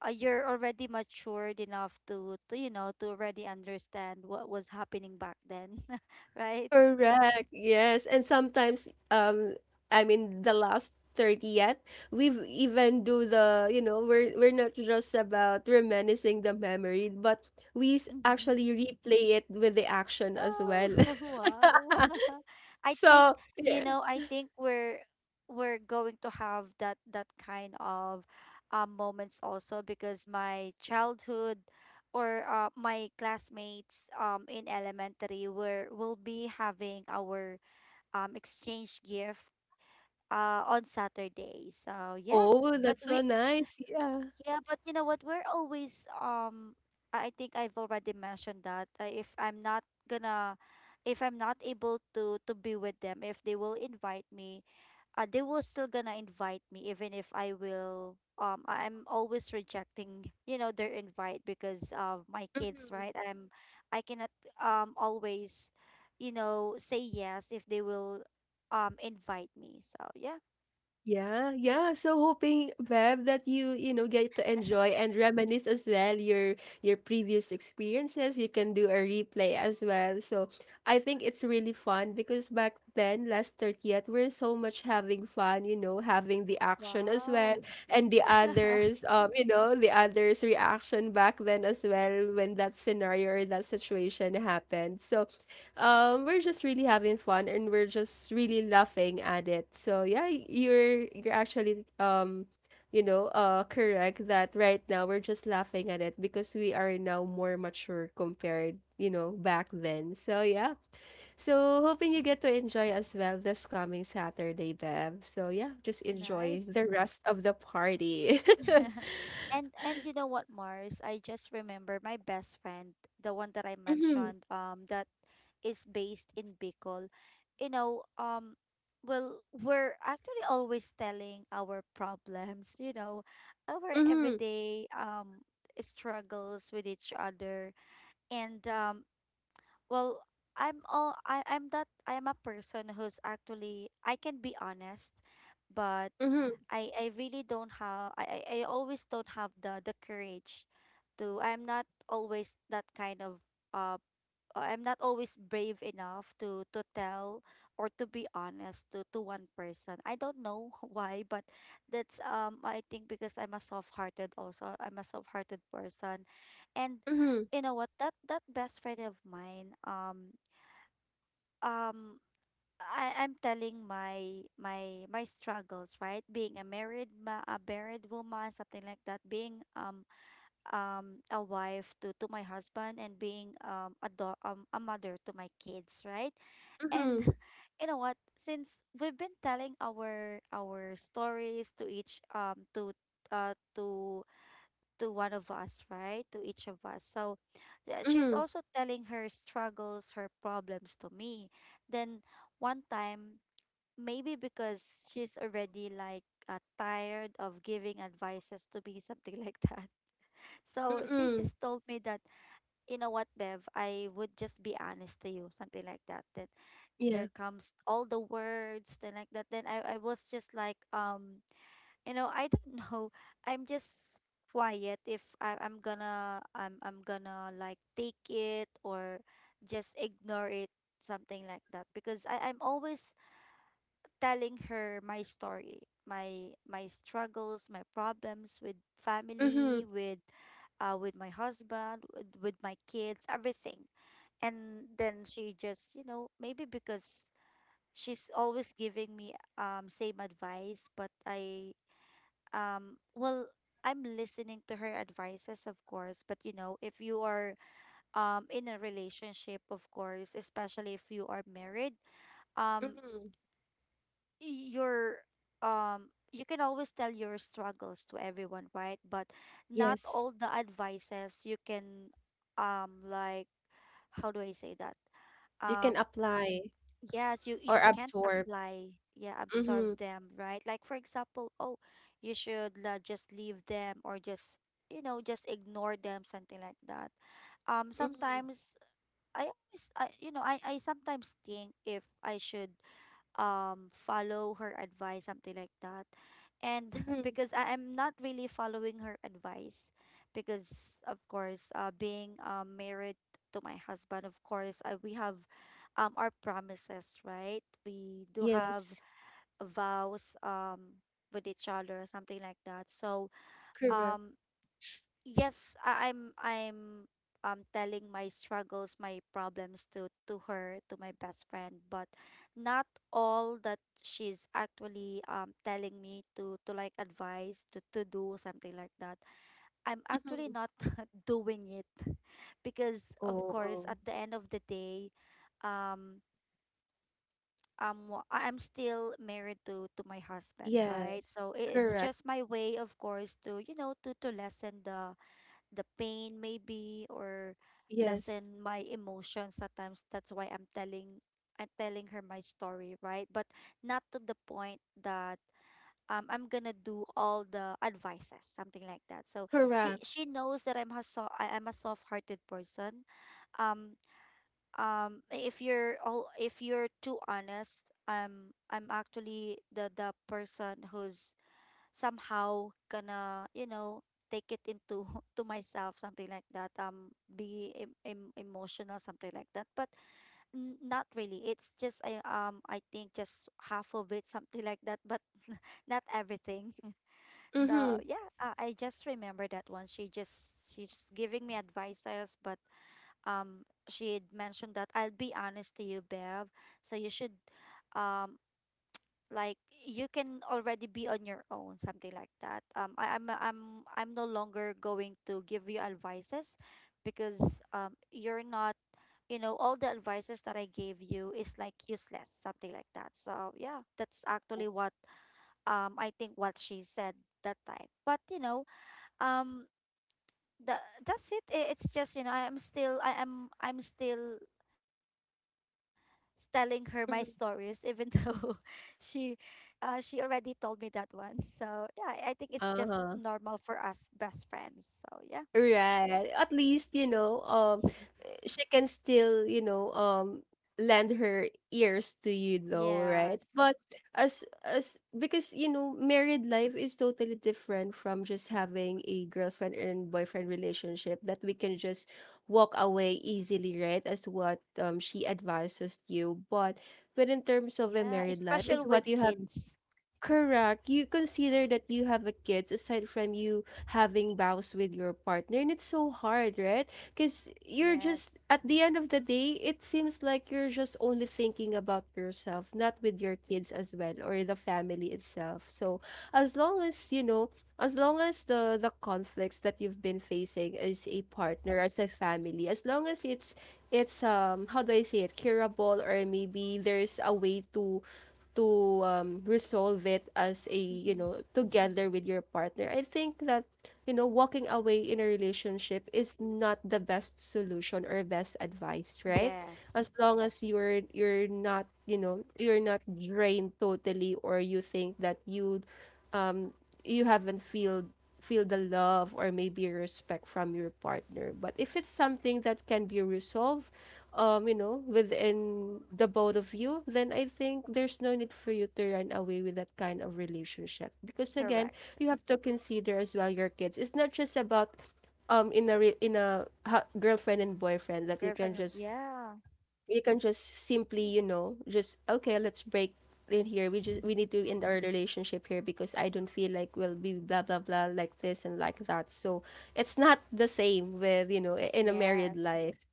Speaker 2: you're already matured enough to already understand what was happening back then, right?
Speaker 1: Correct. Yes. And sometimes I mean the last 30th, we've even do the, we're not just about reminiscing the memory, but we
Speaker 2: Mm-hmm.
Speaker 1: actually replay it with the action as
Speaker 2: Oh.
Speaker 1: well.
Speaker 2: Wow. I think
Speaker 1: So,
Speaker 2: You
Speaker 1: yeah.
Speaker 2: know, I think we're going to have that kind of moments also, because my childhood, or my classmates, in elementary were will be having our exchange gift on Saturday. So yeah.
Speaker 1: Oh,
Speaker 2: But
Speaker 1: that's
Speaker 2: we.
Speaker 1: so nice. Yeah.
Speaker 2: Yeah, but you know what? We're always, I think I've already mentioned that, if I'm not gonna, if I'm not able to be with them, if they will invite me, they will still gonna invite me, even if I will, I'm always rejecting, you know, their invite because of my kids,
Speaker 1: Mhm.
Speaker 2: right? I cannot, always, you know, say yes if they will invite me. So, yeah.
Speaker 1: Yeah, yeah. So hoping, Bev, that you, get to enjoy and reminisce as well your previous experiences. You can do a replay as well. So I think it's really fun because back then, last 30th, we're so much having fun, having the action as well
Speaker 2: Wow.
Speaker 1: and the others, the others' reaction back then as well when that scenario or that situation happened. So we're just really having fun and we're just really laughing at it,
Speaker 2: Nice.
Speaker 1: so yeah, you're actually correct that right now we're just laughing at it because we are now more mature compared, back then, so yeah. So hoping you get to enjoy as well this coming Saturday, Bev, so yeah, just
Speaker 2: Nice.
Speaker 1: enjoy the rest of the party.
Speaker 2: And you know what, Mars? I just remember my best friend, the one that I
Speaker 1: Mhm,
Speaker 2: mentioned, that is based in Bicol. You know, well, we're actually always telling our problems, you know, our
Speaker 1: mhm,
Speaker 2: everyday struggles with each other. And well, I'm all, I'm that, I am a person who's actually I can be honest, but
Speaker 1: mhm,
Speaker 2: I really don't have, I always don't have the courage to, I'm not always that kind of, uh I'm not always brave enough to tell, or to be honest to one person. I don't know why, but that's, I think, because I'm a soft-hearted also. I'm a soft-hearted person. And
Speaker 1: mhm,
Speaker 2: you know what, that best friend of mine, um I'm telling my struggles, right? Being a married, ma a married woman, something like that. Being a wife to my husband, and being a mother to my kids, right? And
Speaker 1: mhm,
Speaker 2: you know what? Since we've been telling our stories to each, to, uh to to one of us, right? To each of us. So yeah, she's
Speaker 1: mhm,
Speaker 2: also telling her struggles, her problems to me. Then one time, maybe because she's already like, tired of giving advices to me, something like that. So she
Speaker 1: mhm,
Speaker 2: just told me that, you know what, Bev, I would just be honest to you, something like that. That there
Speaker 1: yeah,
Speaker 2: comes all the words, then like that. Then I was just like, you know, I don't know. I'm just quiet if, I'm gonna, I'm gonna like take it or just ignore it, something like that. Because I'm always telling her my story, my struggles, my problems with
Speaker 1: mhm,
Speaker 2: family, with, with my husband, with my kids, everything. And then she just, you know, maybe because she's always giving me same advice, but um well I'm listening to her advices, of course. But you know, if you are in a relationship, of course, especially if you are married, um
Speaker 1: mhm.
Speaker 2: your you can always tell your struggles to everyone, right? But not
Speaker 1: Yes,
Speaker 2: all the advices you can, like, how do I say that,
Speaker 1: you can
Speaker 2: um
Speaker 1: apply
Speaker 2: yes, you
Speaker 1: or
Speaker 2: you can't
Speaker 1: absorb.
Speaker 2: apply, yeah, absorb
Speaker 1: Mhm,
Speaker 2: them, right? Like, for example, oh, you should just leave them, or just, you know, just ignore them, something like that.
Speaker 1: mhm,
Speaker 2: Sometimes, you know, I sometimes think if I should follow her advice, something like that. And
Speaker 1: mhm.
Speaker 2: because I am not really following her advice, because of course, being, married to my husband. Of course, we have our promises, right? We do have
Speaker 1: Yes,
Speaker 2: vows, with each other, something like that. So,
Speaker 1: correct.
Speaker 2: um yes, I, I'm telling my struggles, my problems to her, to my best friend, but not all that she's actually telling me to like advise to do, something like that. I'm actually
Speaker 1: Mhm.
Speaker 2: not doing it, because, of
Speaker 1: Oh,
Speaker 2: course,
Speaker 1: oh.
Speaker 2: at the end of the day, um I'm still married to my husband, right?
Speaker 1: Yes,
Speaker 2: So it's
Speaker 1: correct.
Speaker 2: just my way, of course, to, you know, to lessen the pain, maybe, or
Speaker 1: Yes,
Speaker 2: lessen my emotions at times. That's why I'm telling her my story, right? But not to the point that, I'm gonna do all the advices, something like that. So he
Speaker 1: correct.
Speaker 2: she knows that, I'm a soft-hearted person. um if you're all if you're too honest, I'm actually the person who's somehow gonna, you know, take it into to myself, something like that, be emotional, something like that, but not really. It's just, I think, just half of it, something like that, but not everything. So
Speaker 1: Mhm,
Speaker 2: yeah, I just remember that one. She's giving me advices, but she had mentioned that, I'll be honest to you, Bev, so you should, um like, you can already be on your own, something like that. I, I'm no longer going to give you advices, because, you're not, you know, all the advices that I gave you is like useless, something like that. So yeah, that's actually what, I think, what she said that time. But, you know, um the, that's it. It's just, you know, I'm still telling her my stories, even
Speaker 1: mhm.
Speaker 2: though she she already told me that one. So yeah, I think it's just
Speaker 1: Uh-huh.
Speaker 2: normal for us best friends. So yeah.
Speaker 1: Right. At least, she can still, lend her ears to you, though, right?
Speaker 2: Yes.
Speaker 1: But as because, married life is totally different from just having a girlfriend and boyfriend relationship, that we can just walk away easily, right? As what she advises you,
Speaker 2: Yeah.
Speaker 1: but
Speaker 2: Especially
Speaker 1: in terms
Speaker 2: with
Speaker 1: of a married
Speaker 2: kids.
Speaker 1: life, is what you have correct. You consider that you have a kids aside from you having vows with your partner, and it's so hard, right? Because you're just
Speaker 2: Yes.
Speaker 1: at the end of the day, it seems like you're just only thinking about yourself, not with your kids as well or the family itself. So as long as, as long as the conflicts that you've been facing as a partner, as a family, as long as it's how do I say it, curable, or maybe there's a way to resolve it as a,
Speaker 2: Mm-hmm.
Speaker 1: together with your partner, I think that, walking away in a relationship is not the best solution or best advice, right,
Speaker 2: Yes.
Speaker 1: as long as you're not, you're not drained totally, or you think that you um you haven't feel feel the love or maybe respect from your partner, but if it's something that can be resolved, within the both of you, then I think there's no need for you to run away with that kind of relationship, because again,
Speaker 2: Correct.
Speaker 1: you have to consider as well your kids. It's not just about in a in a girlfriend and boyfriend that
Speaker 2: Girlfriend. Yeah.
Speaker 1: you can just simply, just okay, let's break in here, we just we need to end our relationship here because I don't feel like we'll be blah blah blah like this and like that, so it's not the same with, in a married
Speaker 2: Yes.
Speaker 1: life,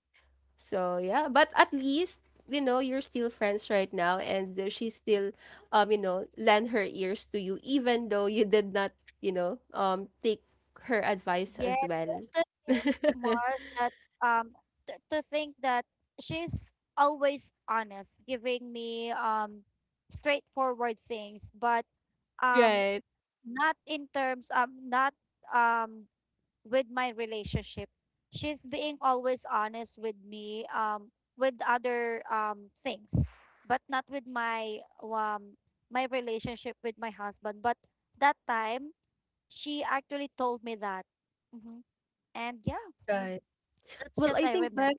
Speaker 1: so yeah, but at least, you're still friends right now, and she still lend her ears to you even though you did not, take her advice
Speaker 2: Yeah,
Speaker 1: as well.
Speaker 2: Mars, that, um to think that she's always honest, giving me straightforward things, but um
Speaker 1: Right.
Speaker 2: not in terms, not, um with my relationship. She's being always honest with me, with other things, but not with my, my relationship with my husband. But that time she actually told me that. Hmm. And yeah,
Speaker 1: Right.
Speaker 2: that's
Speaker 1: Well,
Speaker 2: just
Speaker 1: I
Speaker 2: I
Speaker 1: think
Speaker 2: remember.
Speaker 1: by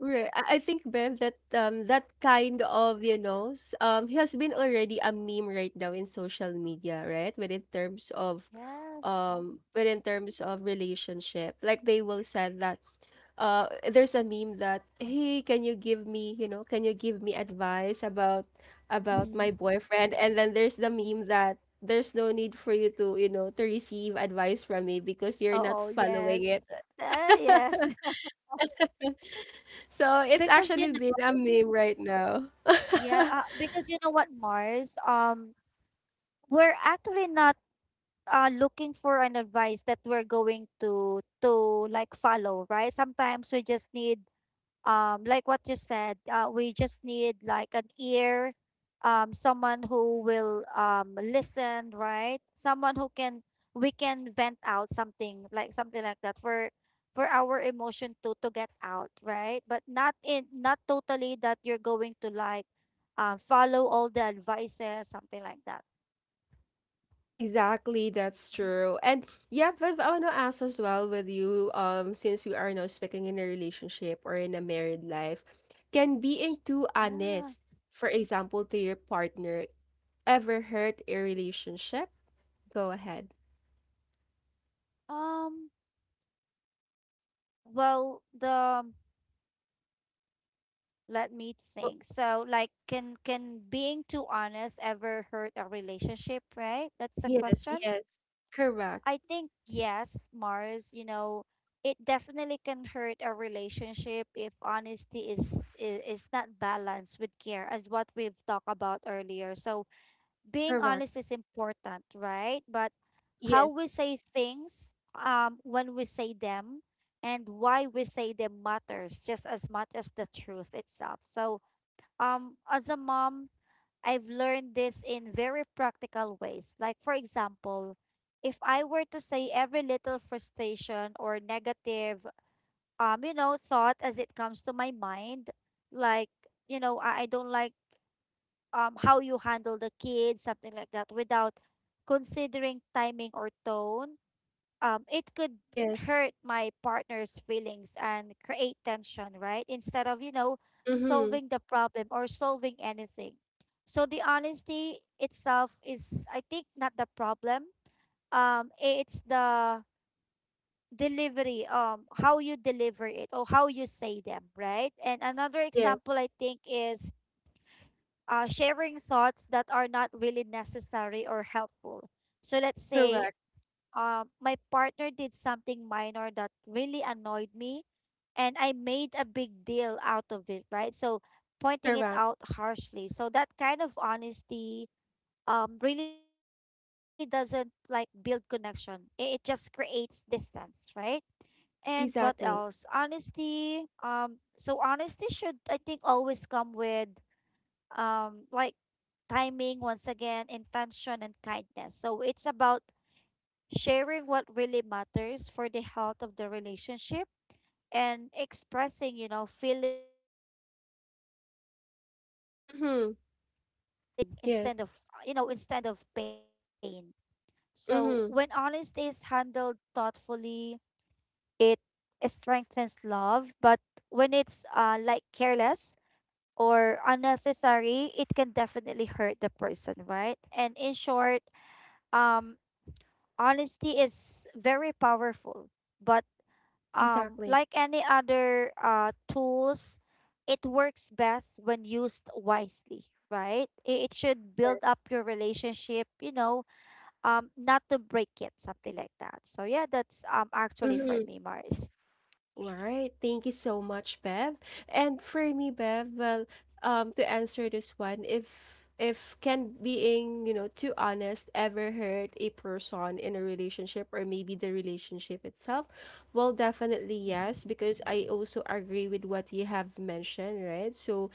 Speaker 1: right. I think, Bev, that that kind of, he has been already a meme right now in social media, right? But in terms of
Speaker 2: Yes.
Speaker 1: but in terms of relationship, like they will said that, there's a meme that, hey, can you give me, can you give me advice about my
Speaker 2: Mm-hmm.
Speaker 1: boyfriend? And then there's the meme that there's no need for you to, to receive advice from me because you're not
Speaker 2: Oh,
Speaker 1: following it.
Speaker 2: yes. Yes.
Speaker 1: So it's
Speaker 2: Because, you
Speaker 1: actually been
Speaker 2: know,
Speaker 1: a meme right now.
Speaker 2: yeah, because, you know what, Mars, we're actually not looking for an advice that we're going to like follow, right? Sometimes we just need, like, what you said, we just need like an ear, someone who will listen, right? Someone who can, we can vent out, something like, something like that, for our emotion to get out, right? But not in, not totally, that you're going to, like, follow all the advices, something like that.
Speaker 1: Exactly, that's true. And yep, but I want to ask as well with you, since we are now speaking in a relationship or in a married life, can being too
Speaker 2: Yeah.
Speaker 1: honest, for example, to your partner, ever hurt a relationship? Go ahead.
Speaker 2: um well, the let me
Speaker 1: Well,
Speaker 2: think. So, like, can being too honest ever hurt a relationship, right? That's the
Speaker 1: yes,
Speaker 2: question.
Speaker 1: yes, correct,
Speaker 2: I think yes, Mars, you know, it definitely can hurt a relationship if honesty is not balanced with care, as what we've talked about earlier. So being
Speaker 1: correct.
Speaker 2: honest is important, right? But how we
Speaker 1: Yes,
Speaker 2: say things, when we say them, and why we say them, matters just as much as the truth itself. So, as a mom, I've learned this in very practical ways. Like, for example, if I were to say every little frustration or negative, you know, thought as it comes to my mind, like, you know, I don't like, how you handle the kids, something like that, without considering timing or tone, it could
Speaker 1: yes,
Speaker 2: hurt my partner's feelings and create tension, right? Instead of, you know,
Speaker 1: mm-hmm,
Speaker 2: solving the problem or solving anything. So the honesty itself is, I think, not the problem. It's the delivery, how you deliver it or how you say them, right? And another
Speaker 1: yes,
Speaker 2: example, I think, is sharing thoughts that are not really necessary or helpful. So let's say
Speaker 1: correct,
Speaker 2: my partner did something minor that really annoyed me and I made a big deal out of it, right? So pointing it
Speaker 1: correct,
Speaker 2: out harshly. So that kind of honesty really doesn't like build connection. It just creates distance, right? And what else?
Speaker 1: exactly.
Speaker 2: Honesty. So honesty should, I think, always come with like timing once again, intention and kindness. So it's about sharing what really matters for the health of the relationship and expressing feelings without blame and
Speaker 1: Mm-hmm,
Speaker 2: creating understanding
Speaker 1: yes,
Speaker 2: instead of pain. So
Speaker 1: mm-hmm,
Speaker 2: when honesty is handled thoughtfully, it strengthens love, but when it's like careless or unnecessary, it can definitely hurt the person, right? And in short, um, honesty is very powerful, but
Speaker 1: exactly,
Speaker 2: like any other tools, it works best when used wisely, right? It should build
Speaker 1: yes,
Speaker 2: up your relationship, not to break it, something like that. So yeah, that's actually for
Speaker 1: mm-hmm.
Speaker 2: me, Mars.
Speaker 1: All right. Thank you so much, Bev. And for me, Bev, well, to answer this one, if can being, too honest ever hurt a person in a relationship or maybe the relationship itself? Well, definitely
Speaker 2: Mm-hmm.
Speaker 1: yes, because I also agree with what you have mentioned, right? So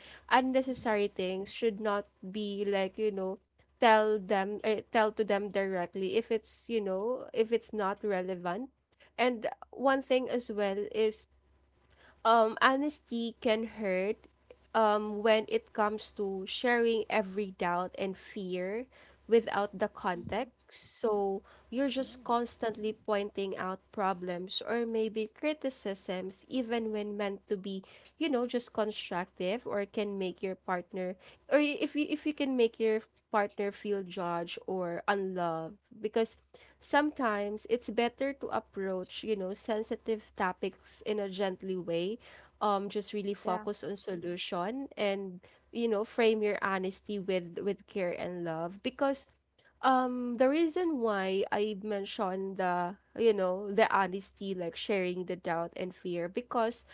Speaker 2: Mhm.
Speaker 1: unnecessary things should not be like, tell them tell to them directly if it's, if it's not relevant. And one thing as well is honesty can hurt when it comes to sharing every doubt and fear without the
Speaker 2: Mhm.
Speaker 1: context. So you're just
Speaker 2: Oh.
Speaker 1: constantly pointing out problems or maybe criticisms, even when meant to be, just constructive, or can make your partner or if you can make your partner feel judged or unloved, because sometimes it's better to approach, sensitive topics in a gently way, just really
Speaker 2: Yeah.
Speaker 1: focus on solution, and, frame your honesty with care and love, because the reason why I mentioned the, the honesty, like sharing the doubt and fear, because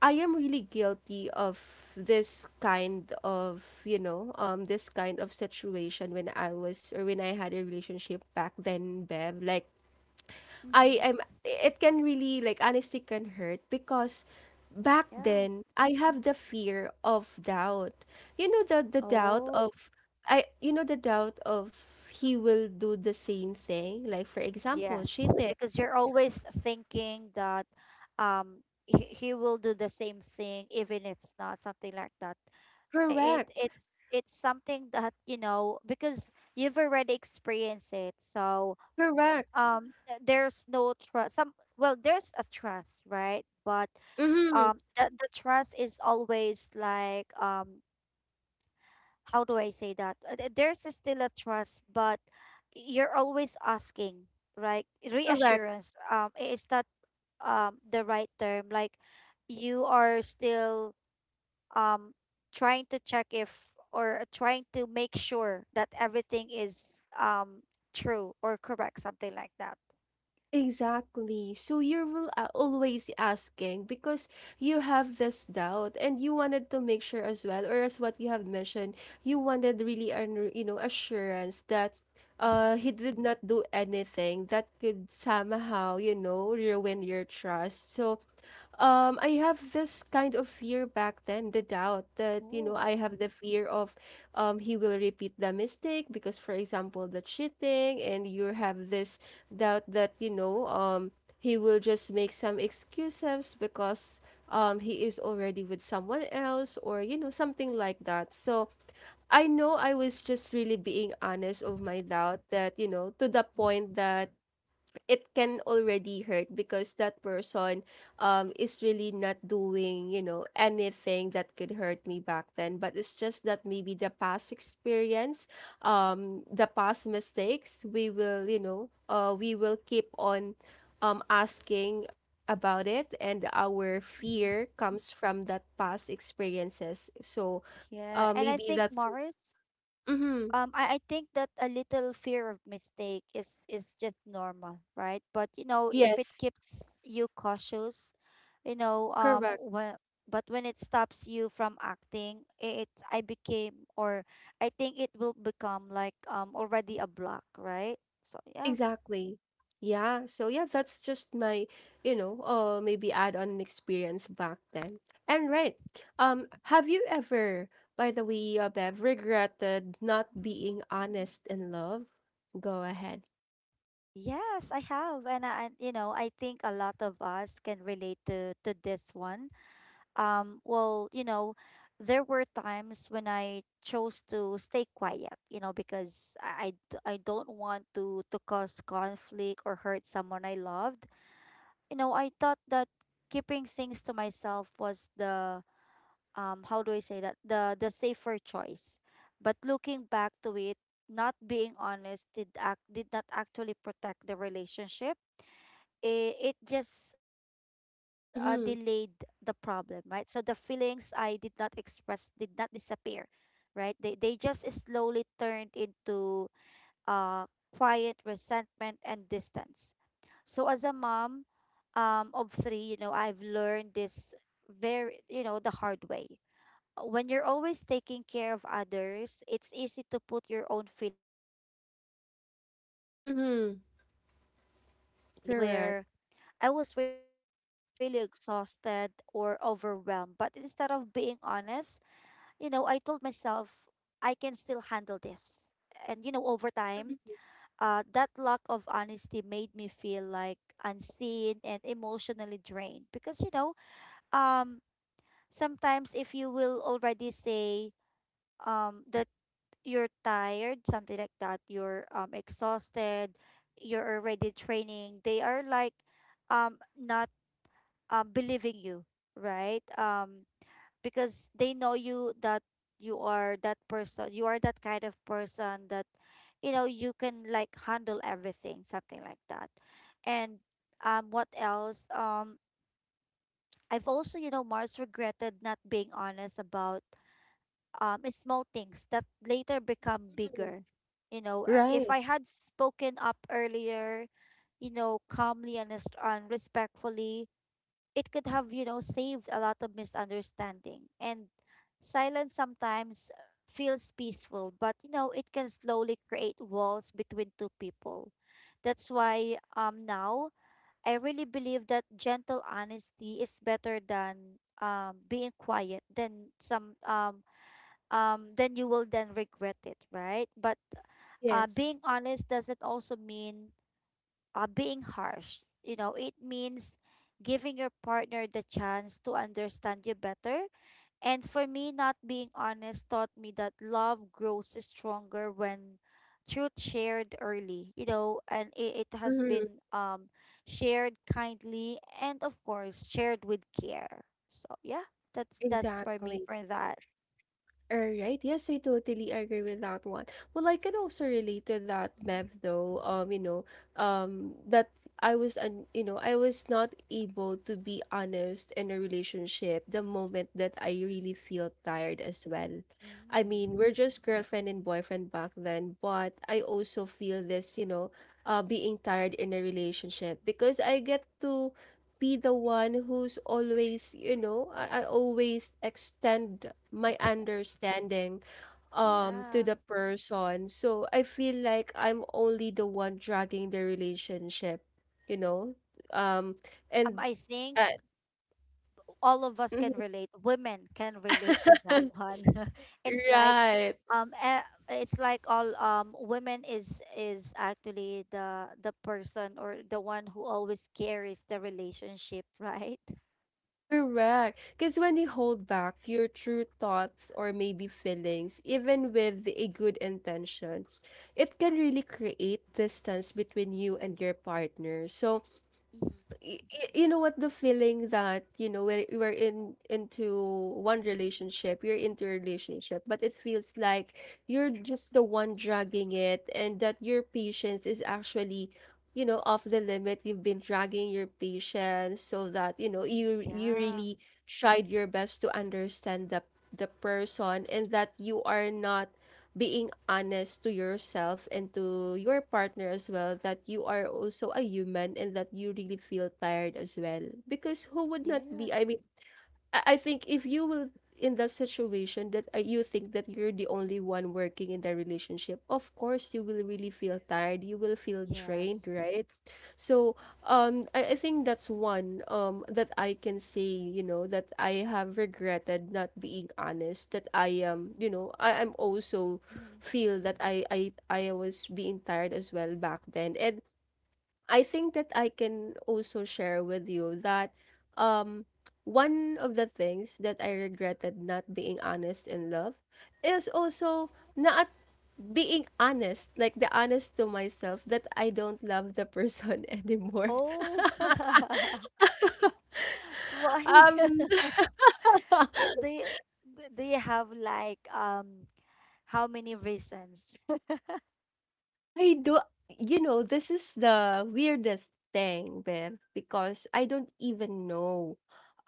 Speaker 1: I am really guilty of this kind of, this kind of situation when I was or when I had a relationship back then, Bev. Like, I
Speaker 2: Mhm.
Speaker 1: am it can really like honesty can hurt because back
Speaker 2: Yeah.
Speaker 1: then I have the fear of doubt. You know the doubt
Speaker 2: Oh,
Speaker 1: of I, the doubt of he will do the same thing. Like for example,
Speaker 2: yes.
Speaker 1: cheating.
Speaker 2: Because you're always thinking that he will do the same thing even it's not something like that. It
Speaker 1: Correct.
Speaker 2: it's it's something that because you've already experienced it. So,
Speaker 1: Correct.
Speaker 2: there's no trust. Some well, there's a trust, right? But
Speaker 1: Mm-hmm.
Speaker 2: the trust is always like, how do I say that? There's still a trust, but you're always asking, right?
Speaker 1: Correct.
Speaker 2: Reassurance. Is that the right term? Like you are still um trying to check if or trying to make sure that everything is true or correct, something like that.
Speaker 1: Exactly. So you will always asking because you have this doubt and you wanted to make sure as well, or as what you have mentioned, you wanted really an, assurance that
Speaker 2: Mhm.
Speaker 1: he did not do anything that could somehow, ruin your trust. So I have this kind of fear back then, the doubt that,
Speaker 2: Oh.
Speaker 1: I have the fear of he will repeat the mistake because for example, the cheating, and you have this doubt that, he will just make some excuses because he is already with someone else, or, something like that. So I know I was just really being honest of my doubt that, to the point that it can already hurt because that person is really not doing, anything that could hurt me back then, but it's just that maybe the past experience, the past mistakes, we will, we will keep on asking about it, and our
Speaker 2: Mhm.
Speaker 1: fear comes from that past experiences, so
Speaker 2: Yeah. And I
Speaker 1: maybe
Speaker 2: think
Speaker 1: that's
Speaker 2: Mars.
Speaker 1: mm-hmm,
Speaker 2: I think that a little fear of mistake is just normal, right? But if it
Speaker 1: yes,
Speaker 2: keeps you cautious, you know,
Speaker 1: correct.
Speaker 2: when but when it stops you from acting, I- it I became, or I think it will become like already a block, right? So yeah.
Speaker 1: Exactly. Yeah. So yeah, that's just my, maybe add on experience back then. And right. Have you ever, by the way, Bev, regretted not
Speaker 2: Mhm.
Speaker 1: being honest in love? Go ahead.
Speaker 2: Yes, I have, and I, and, you know, I think a lot of us can relate to this one. Well, there were times when I chose to stay quiet, because I don't want to cause conflict or hurt someone I loved. I thought that keeping things to myself was the, how do I say that, the safer choice. But looking back to it, not being honest did not actually protect the relationship. It just delayed the
Speaker 1: Mm-hmm.
Speaker 2: problem, right? So the feelings I did not express did not disappear, right? They just slowly turned into uh quiet resentment and distance. So as a mom of three, I've learned this very, the hard way. When you're always taking care of others, it's easy to put your own feelings last, right?
Speaker 1: Mm-hmm.
Speaker 2: And I've had moments
Speaker 1: Correct.
Speaker 2: where I was really exhausted or overwhelmed. But instead of being honest, I told myself, I can still handle this. And, over time, that lack of honesty made me feel like unseen and emotionally drained. Because, um, sometimes if you will already say that you're tired, something like that, you're exhausted, you're already training, they are like not believing you, right? Because they know you, that you are that person, you are that kind of person that, you can, like, handle everything, something like that. And, what else? I've also, Mars, regretted not being honest about small things that later become
Speaker 1: Mhm.
Speaker 2: bigger. If
Speaker 1: Right.
Speaker 2: I had spoken up earlier, calmly and respectfully, it could have, saved a lot of misunderstanding. And silence sometimes feels peaceful, but, it can slowly create walls between two people. That's why, now, I really believe that gentle honesty is better than being quiet, than some then you will then regret it, right? But
Speaker 1: Yes.
Speaker 2: being honest doesn't also mean being harsh. It means giving your partner the chance to understand you better. And for me, not being honest taught me that love grows stronger when truth shared early, and it has
Speaker 1: Mm-hmm.
Speaker 2: been shared kindly and, of course, shared with care. So yeah, that's for me
Speaker 1: Exactly.
Speaker 2: for that.
Speaker 1: Alright, yes, I totally agree with that one. Well, I can also relate to that,
Speaker 2: Mhm.
Speaker 1: Mev, though. You know, that I was, un you know, I was not able to be honest in a relationship the moment that I really feel tired as well. I
Speaker 2: Mm,
Speaker 1: mean, we're just girlfriend and boyfriend back then, but I also feel this, you know, being tired in a relationship because I get to be the one who's always, you know, I always extend my
Speaker 2: excellent.
Speaker 1: understanding to
Speaker 2: Yeah.
Speaker 1: the person. So I feel like I'm only the one dragging the relationship, you know? Um and
Speaker 2: I think
Speaker 1: uh,
Speaker 2: all of us can relate. Women can relate to that one. it's like
Speaker 1: Right.
Speaker 2: um eh, it's like all women is actually the person or the one who always carries the relationship, right?
Speaker 1: Correct. Because when you hold back your true thoughts or maybe feelings, even with a good intention, it can really create distance between you and your partner. So,
Speaker 2: Hmm.
Speaker 1: you know what, the feeling that, you know, we're in into one relationship, you're into a relationship, but it feels like you're just the one dragging it, and that your patience is actually, you know, off the limit. You've been dragging your patience, so that, you know,
Speaker 2: Mm.
Speaker 1: you
Speaker 2: Yeah.
Speaker 1: really tried your best to understand the person, and that you are not being honest to yourself and to your partner as well, that you are also a human and that you really feel tired as well, because who would not be?
Speaker 2: Yes.
Speaker 1: I mean, I think if you will in that situation that you think that you're the only one working in the relationship, of course you will really feel tired. You will feel drained,
Speaker 2: Yes.
Speaker 1: right? So I think that's one that I can say. You know that I have regretted not being honest. That I am. You know, I am also
Speaker 2: Hmm.
Speaker 1: feel that I was being tired as well back then, and I think that I can also share with you that um one of the things that I regretted not being honest in love is also not being honest, like the honest to myself that I don't love the person anymore.
Speaker 2: Oh. Why?
Speaker 1: Um
Speaker 2: Eh, Do you, do you have like how many reasons?
Speaker 1: I do, you know, this is the weirdest thing, babe, because I don't even know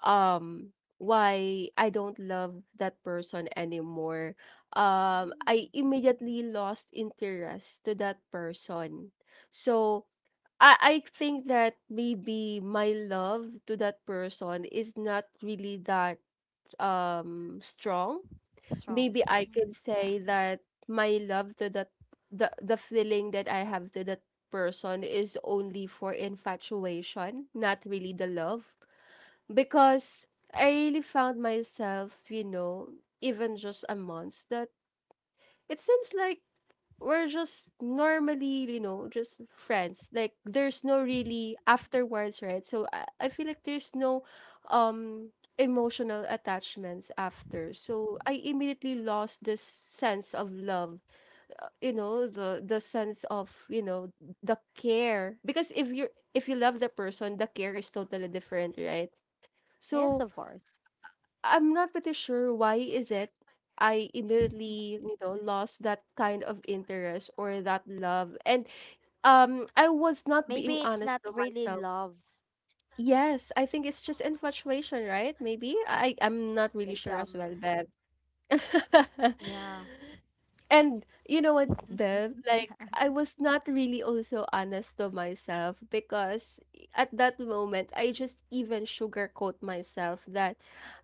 Speaker 1: um why I don't love that person anymore. I
Speaker 2: Mm,
Speaker 1: immediately lost interest to that person. So I think that maybe my love to that person is not really that strong.
Speaker 2: strong.
Speaker 1: Maybe I
Speaker 2: Hmm.
Speaker 1: could
Speaker 2: Yeah.
Speaker 1: say that my love to that the feeling that I have to that person is only for infatuation, not really the love, because I really found myself, you know, even just a month that it seems like we're just normally, you know, just friends. Like there's no really afterwards, right? So I feel like there's no um emotional attachments after. So I immediately lost this sense of love. You know, the sense of, you know, the care. Because if you're if you love the person, the care is totally different, right?
Speaker 2: Yes,
Speaker 1: So
Speaker 2: of course.
Speaker 1: I'm not pretty sure why is it I
Speaker 2: Mhm.
Speaker 1: immediately, you know, lost that kind of interest or that love. And I was not being
Speaker 2: Maybe it's not
Speaker 1: honest to
Speaker 2: really
Speaker 1: myself.
Speaker 2: love.
Speaker 1: Yes, I think it's just
Speaker 2: May-
Speaker 1: infatuation,
Speaker 2: Maybe it's
Speaker 1: right?
Speaker 2: not
Speaker 1: Maybe.
Speaker 2: really
Speaker 1: I
Speaker 2: love,
Speaker 1: I'm
Speaker 2: right?
Speaker 1: not really sure as well, Bev.
Speaker 2: Yeah.
Speaker 1: And you know what, Bev? Like, I was not really also honest to myself because at that moment, I just even sugarcoat myself that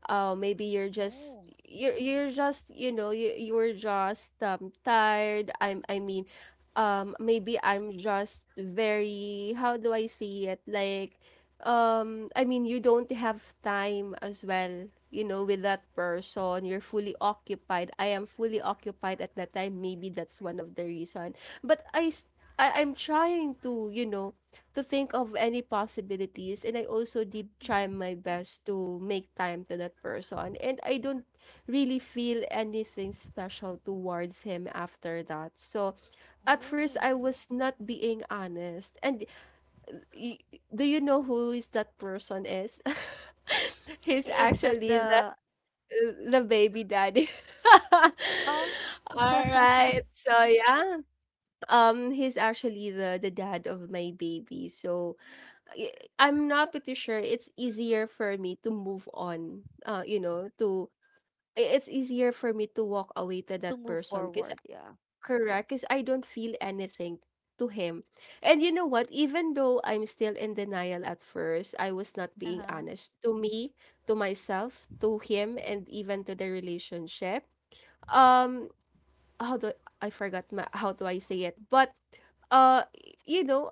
Speaker 1: maybe you're just you know you are just tired. I mean, maybe I'm just very, how do I say it, like I mean you don't have time as well, you know, with that person, you're fully occupied, I am fully occupied at that time, maybe that's one of the reason, but I s- I am trying to, you know, to think of any possibilities, and I also did try my best to make time to that person, and I don't really feel anything special towards him after that. So at first
Speaker 2: Oh.
Speaker 1: I was not being honest. And y- do you know who is that person is? He's
Speaker 2: Is that
Speaker 1: actually
Speaker 2: the
Speaker 1: the baby daddy.
Speaker 2: um
Speaker 1: All right. So yeah he's actually the dad of my baby, so I'm not pretty sure it's easier for me to move on. You know, to it's easier for me to walk away to
Speaker 2: to
Speaker 1: that
Speaker 2: move
Speaker 1: person because
Speaker 2: forward? Yeah.
Speaker 1: correct, because I don't feel anything to him. And you know what? Even though I'm still in denial at first, I was not being
Speaker 2: Uh-huh.
Speaker 1: honest to me, to myself, to him, and even to the relationship. Um, how do I forgot my, how do I say it? But uh, you know,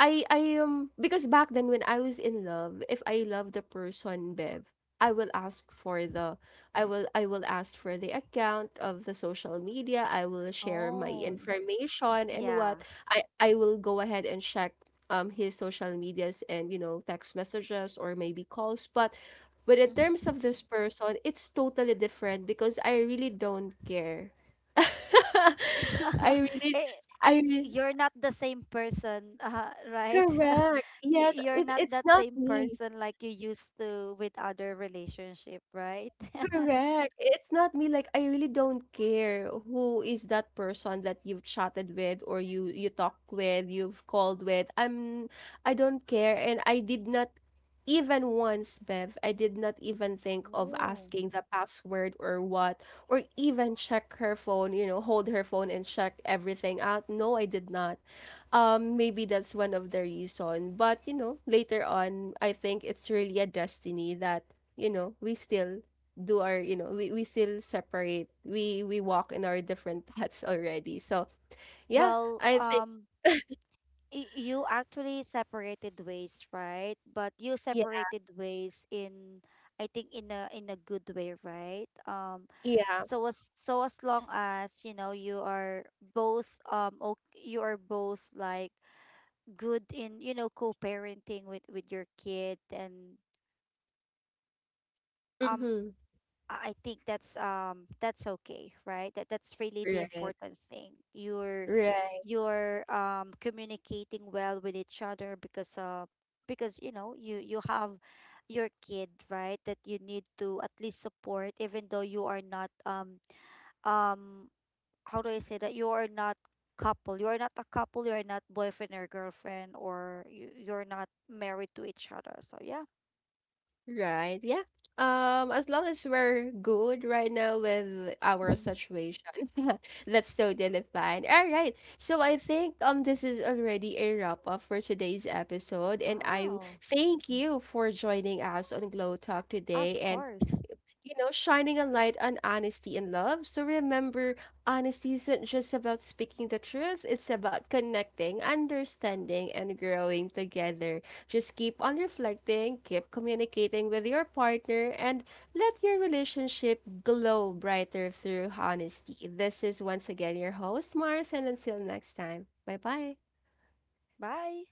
Speaker 1: I because back then when I was in love, if I love the person, Bev, I will ask for the I will ask for the account of the social media. I will share my
Speaker 2: Oh,
Speaker 1: information and what
Speaker 2: yeah.
Speaker 1: I will go ahead and check his social medias and you know text messages or maybe calls. But in terms
Speaker 2: Mhm.
Speaker 1: of this person, it's totally different because I really don't care. I really
Speaker 2: Eh,
Speaker 1: I
Speaker 2: you're not the same person, right?
Speaker 1: Correct. Yes,
Speaker 2: You're
Speaker 1: it
Speaker 2: not
Speaker 1: it's
Speaker 2: that
Speaker 1: not
Speaker 2: same
Speaker 1: me.
Speaker 2: person, like you used to with other relationship, right?
Speaker 1: Correct. It's not me, like I really don't care who is that person that you've chatted with, or you talk with, you've called with. I don't care, and I did not even once, Bev, I did not even think of
Speaker 2: Oh.
Speaker 1: asking the password or what or even check her phone, you know, hold her phone and check everything out. No, I did not. Maybe that's one of the reason, but you know, later on I think it's really a destiny that you know, we still do our, you know, we still separate, we walk in our different paths already, so yeah.
Speaker 2: Well,
Speaker 1: I think
Speaker 2: you actually separated ways, right? But you
Speaker 1: Yeah.
Speaker 2: separated ways in, I think, in a good way, right? Um,
Speaker 1: Yeah.
Speaker 2: so as so as long as, you are both okay, you are both, like, good in, co-parenting with your kid. And, um
Speaker 1: Mm-hmm.
Speaker 2: I think that's, that's okay, right? That's really the
Speaker 1: Right.
Speaker 2: important thing. You're
Speaker 1: Right.
Speaker 2: you're um communicating well with each other, because you have your kid, right? That you need to at least support, even though you are not um how do I say, that you are not couple. You are not a couple, you are not boyfriend or girlfriend, or you're not married to each other. So yeah.
Speaker 1: Right. Yeah. Um, as long as we're good right now with our situation that's totally fine. All right so I think this is already a wrap up for today's episode, and I
Speaker 2: Wow.
Speaker 1: thank you for joining us on Glow Talk
Speaker 2: Of
Speaker 1: today, and
Speaker 2: course.
Speaker 1: you know, shining a light on honesty and love. So remember, honesty isn't just about speaking the truth, it's about connecting, understanding, and growing together. Just keep on reflecting, keep communicating with your partner, and let your relationship glow brighter through honesty. This is once again your host, Mars, and until next time, bye bye.
Speaker 2: Bye.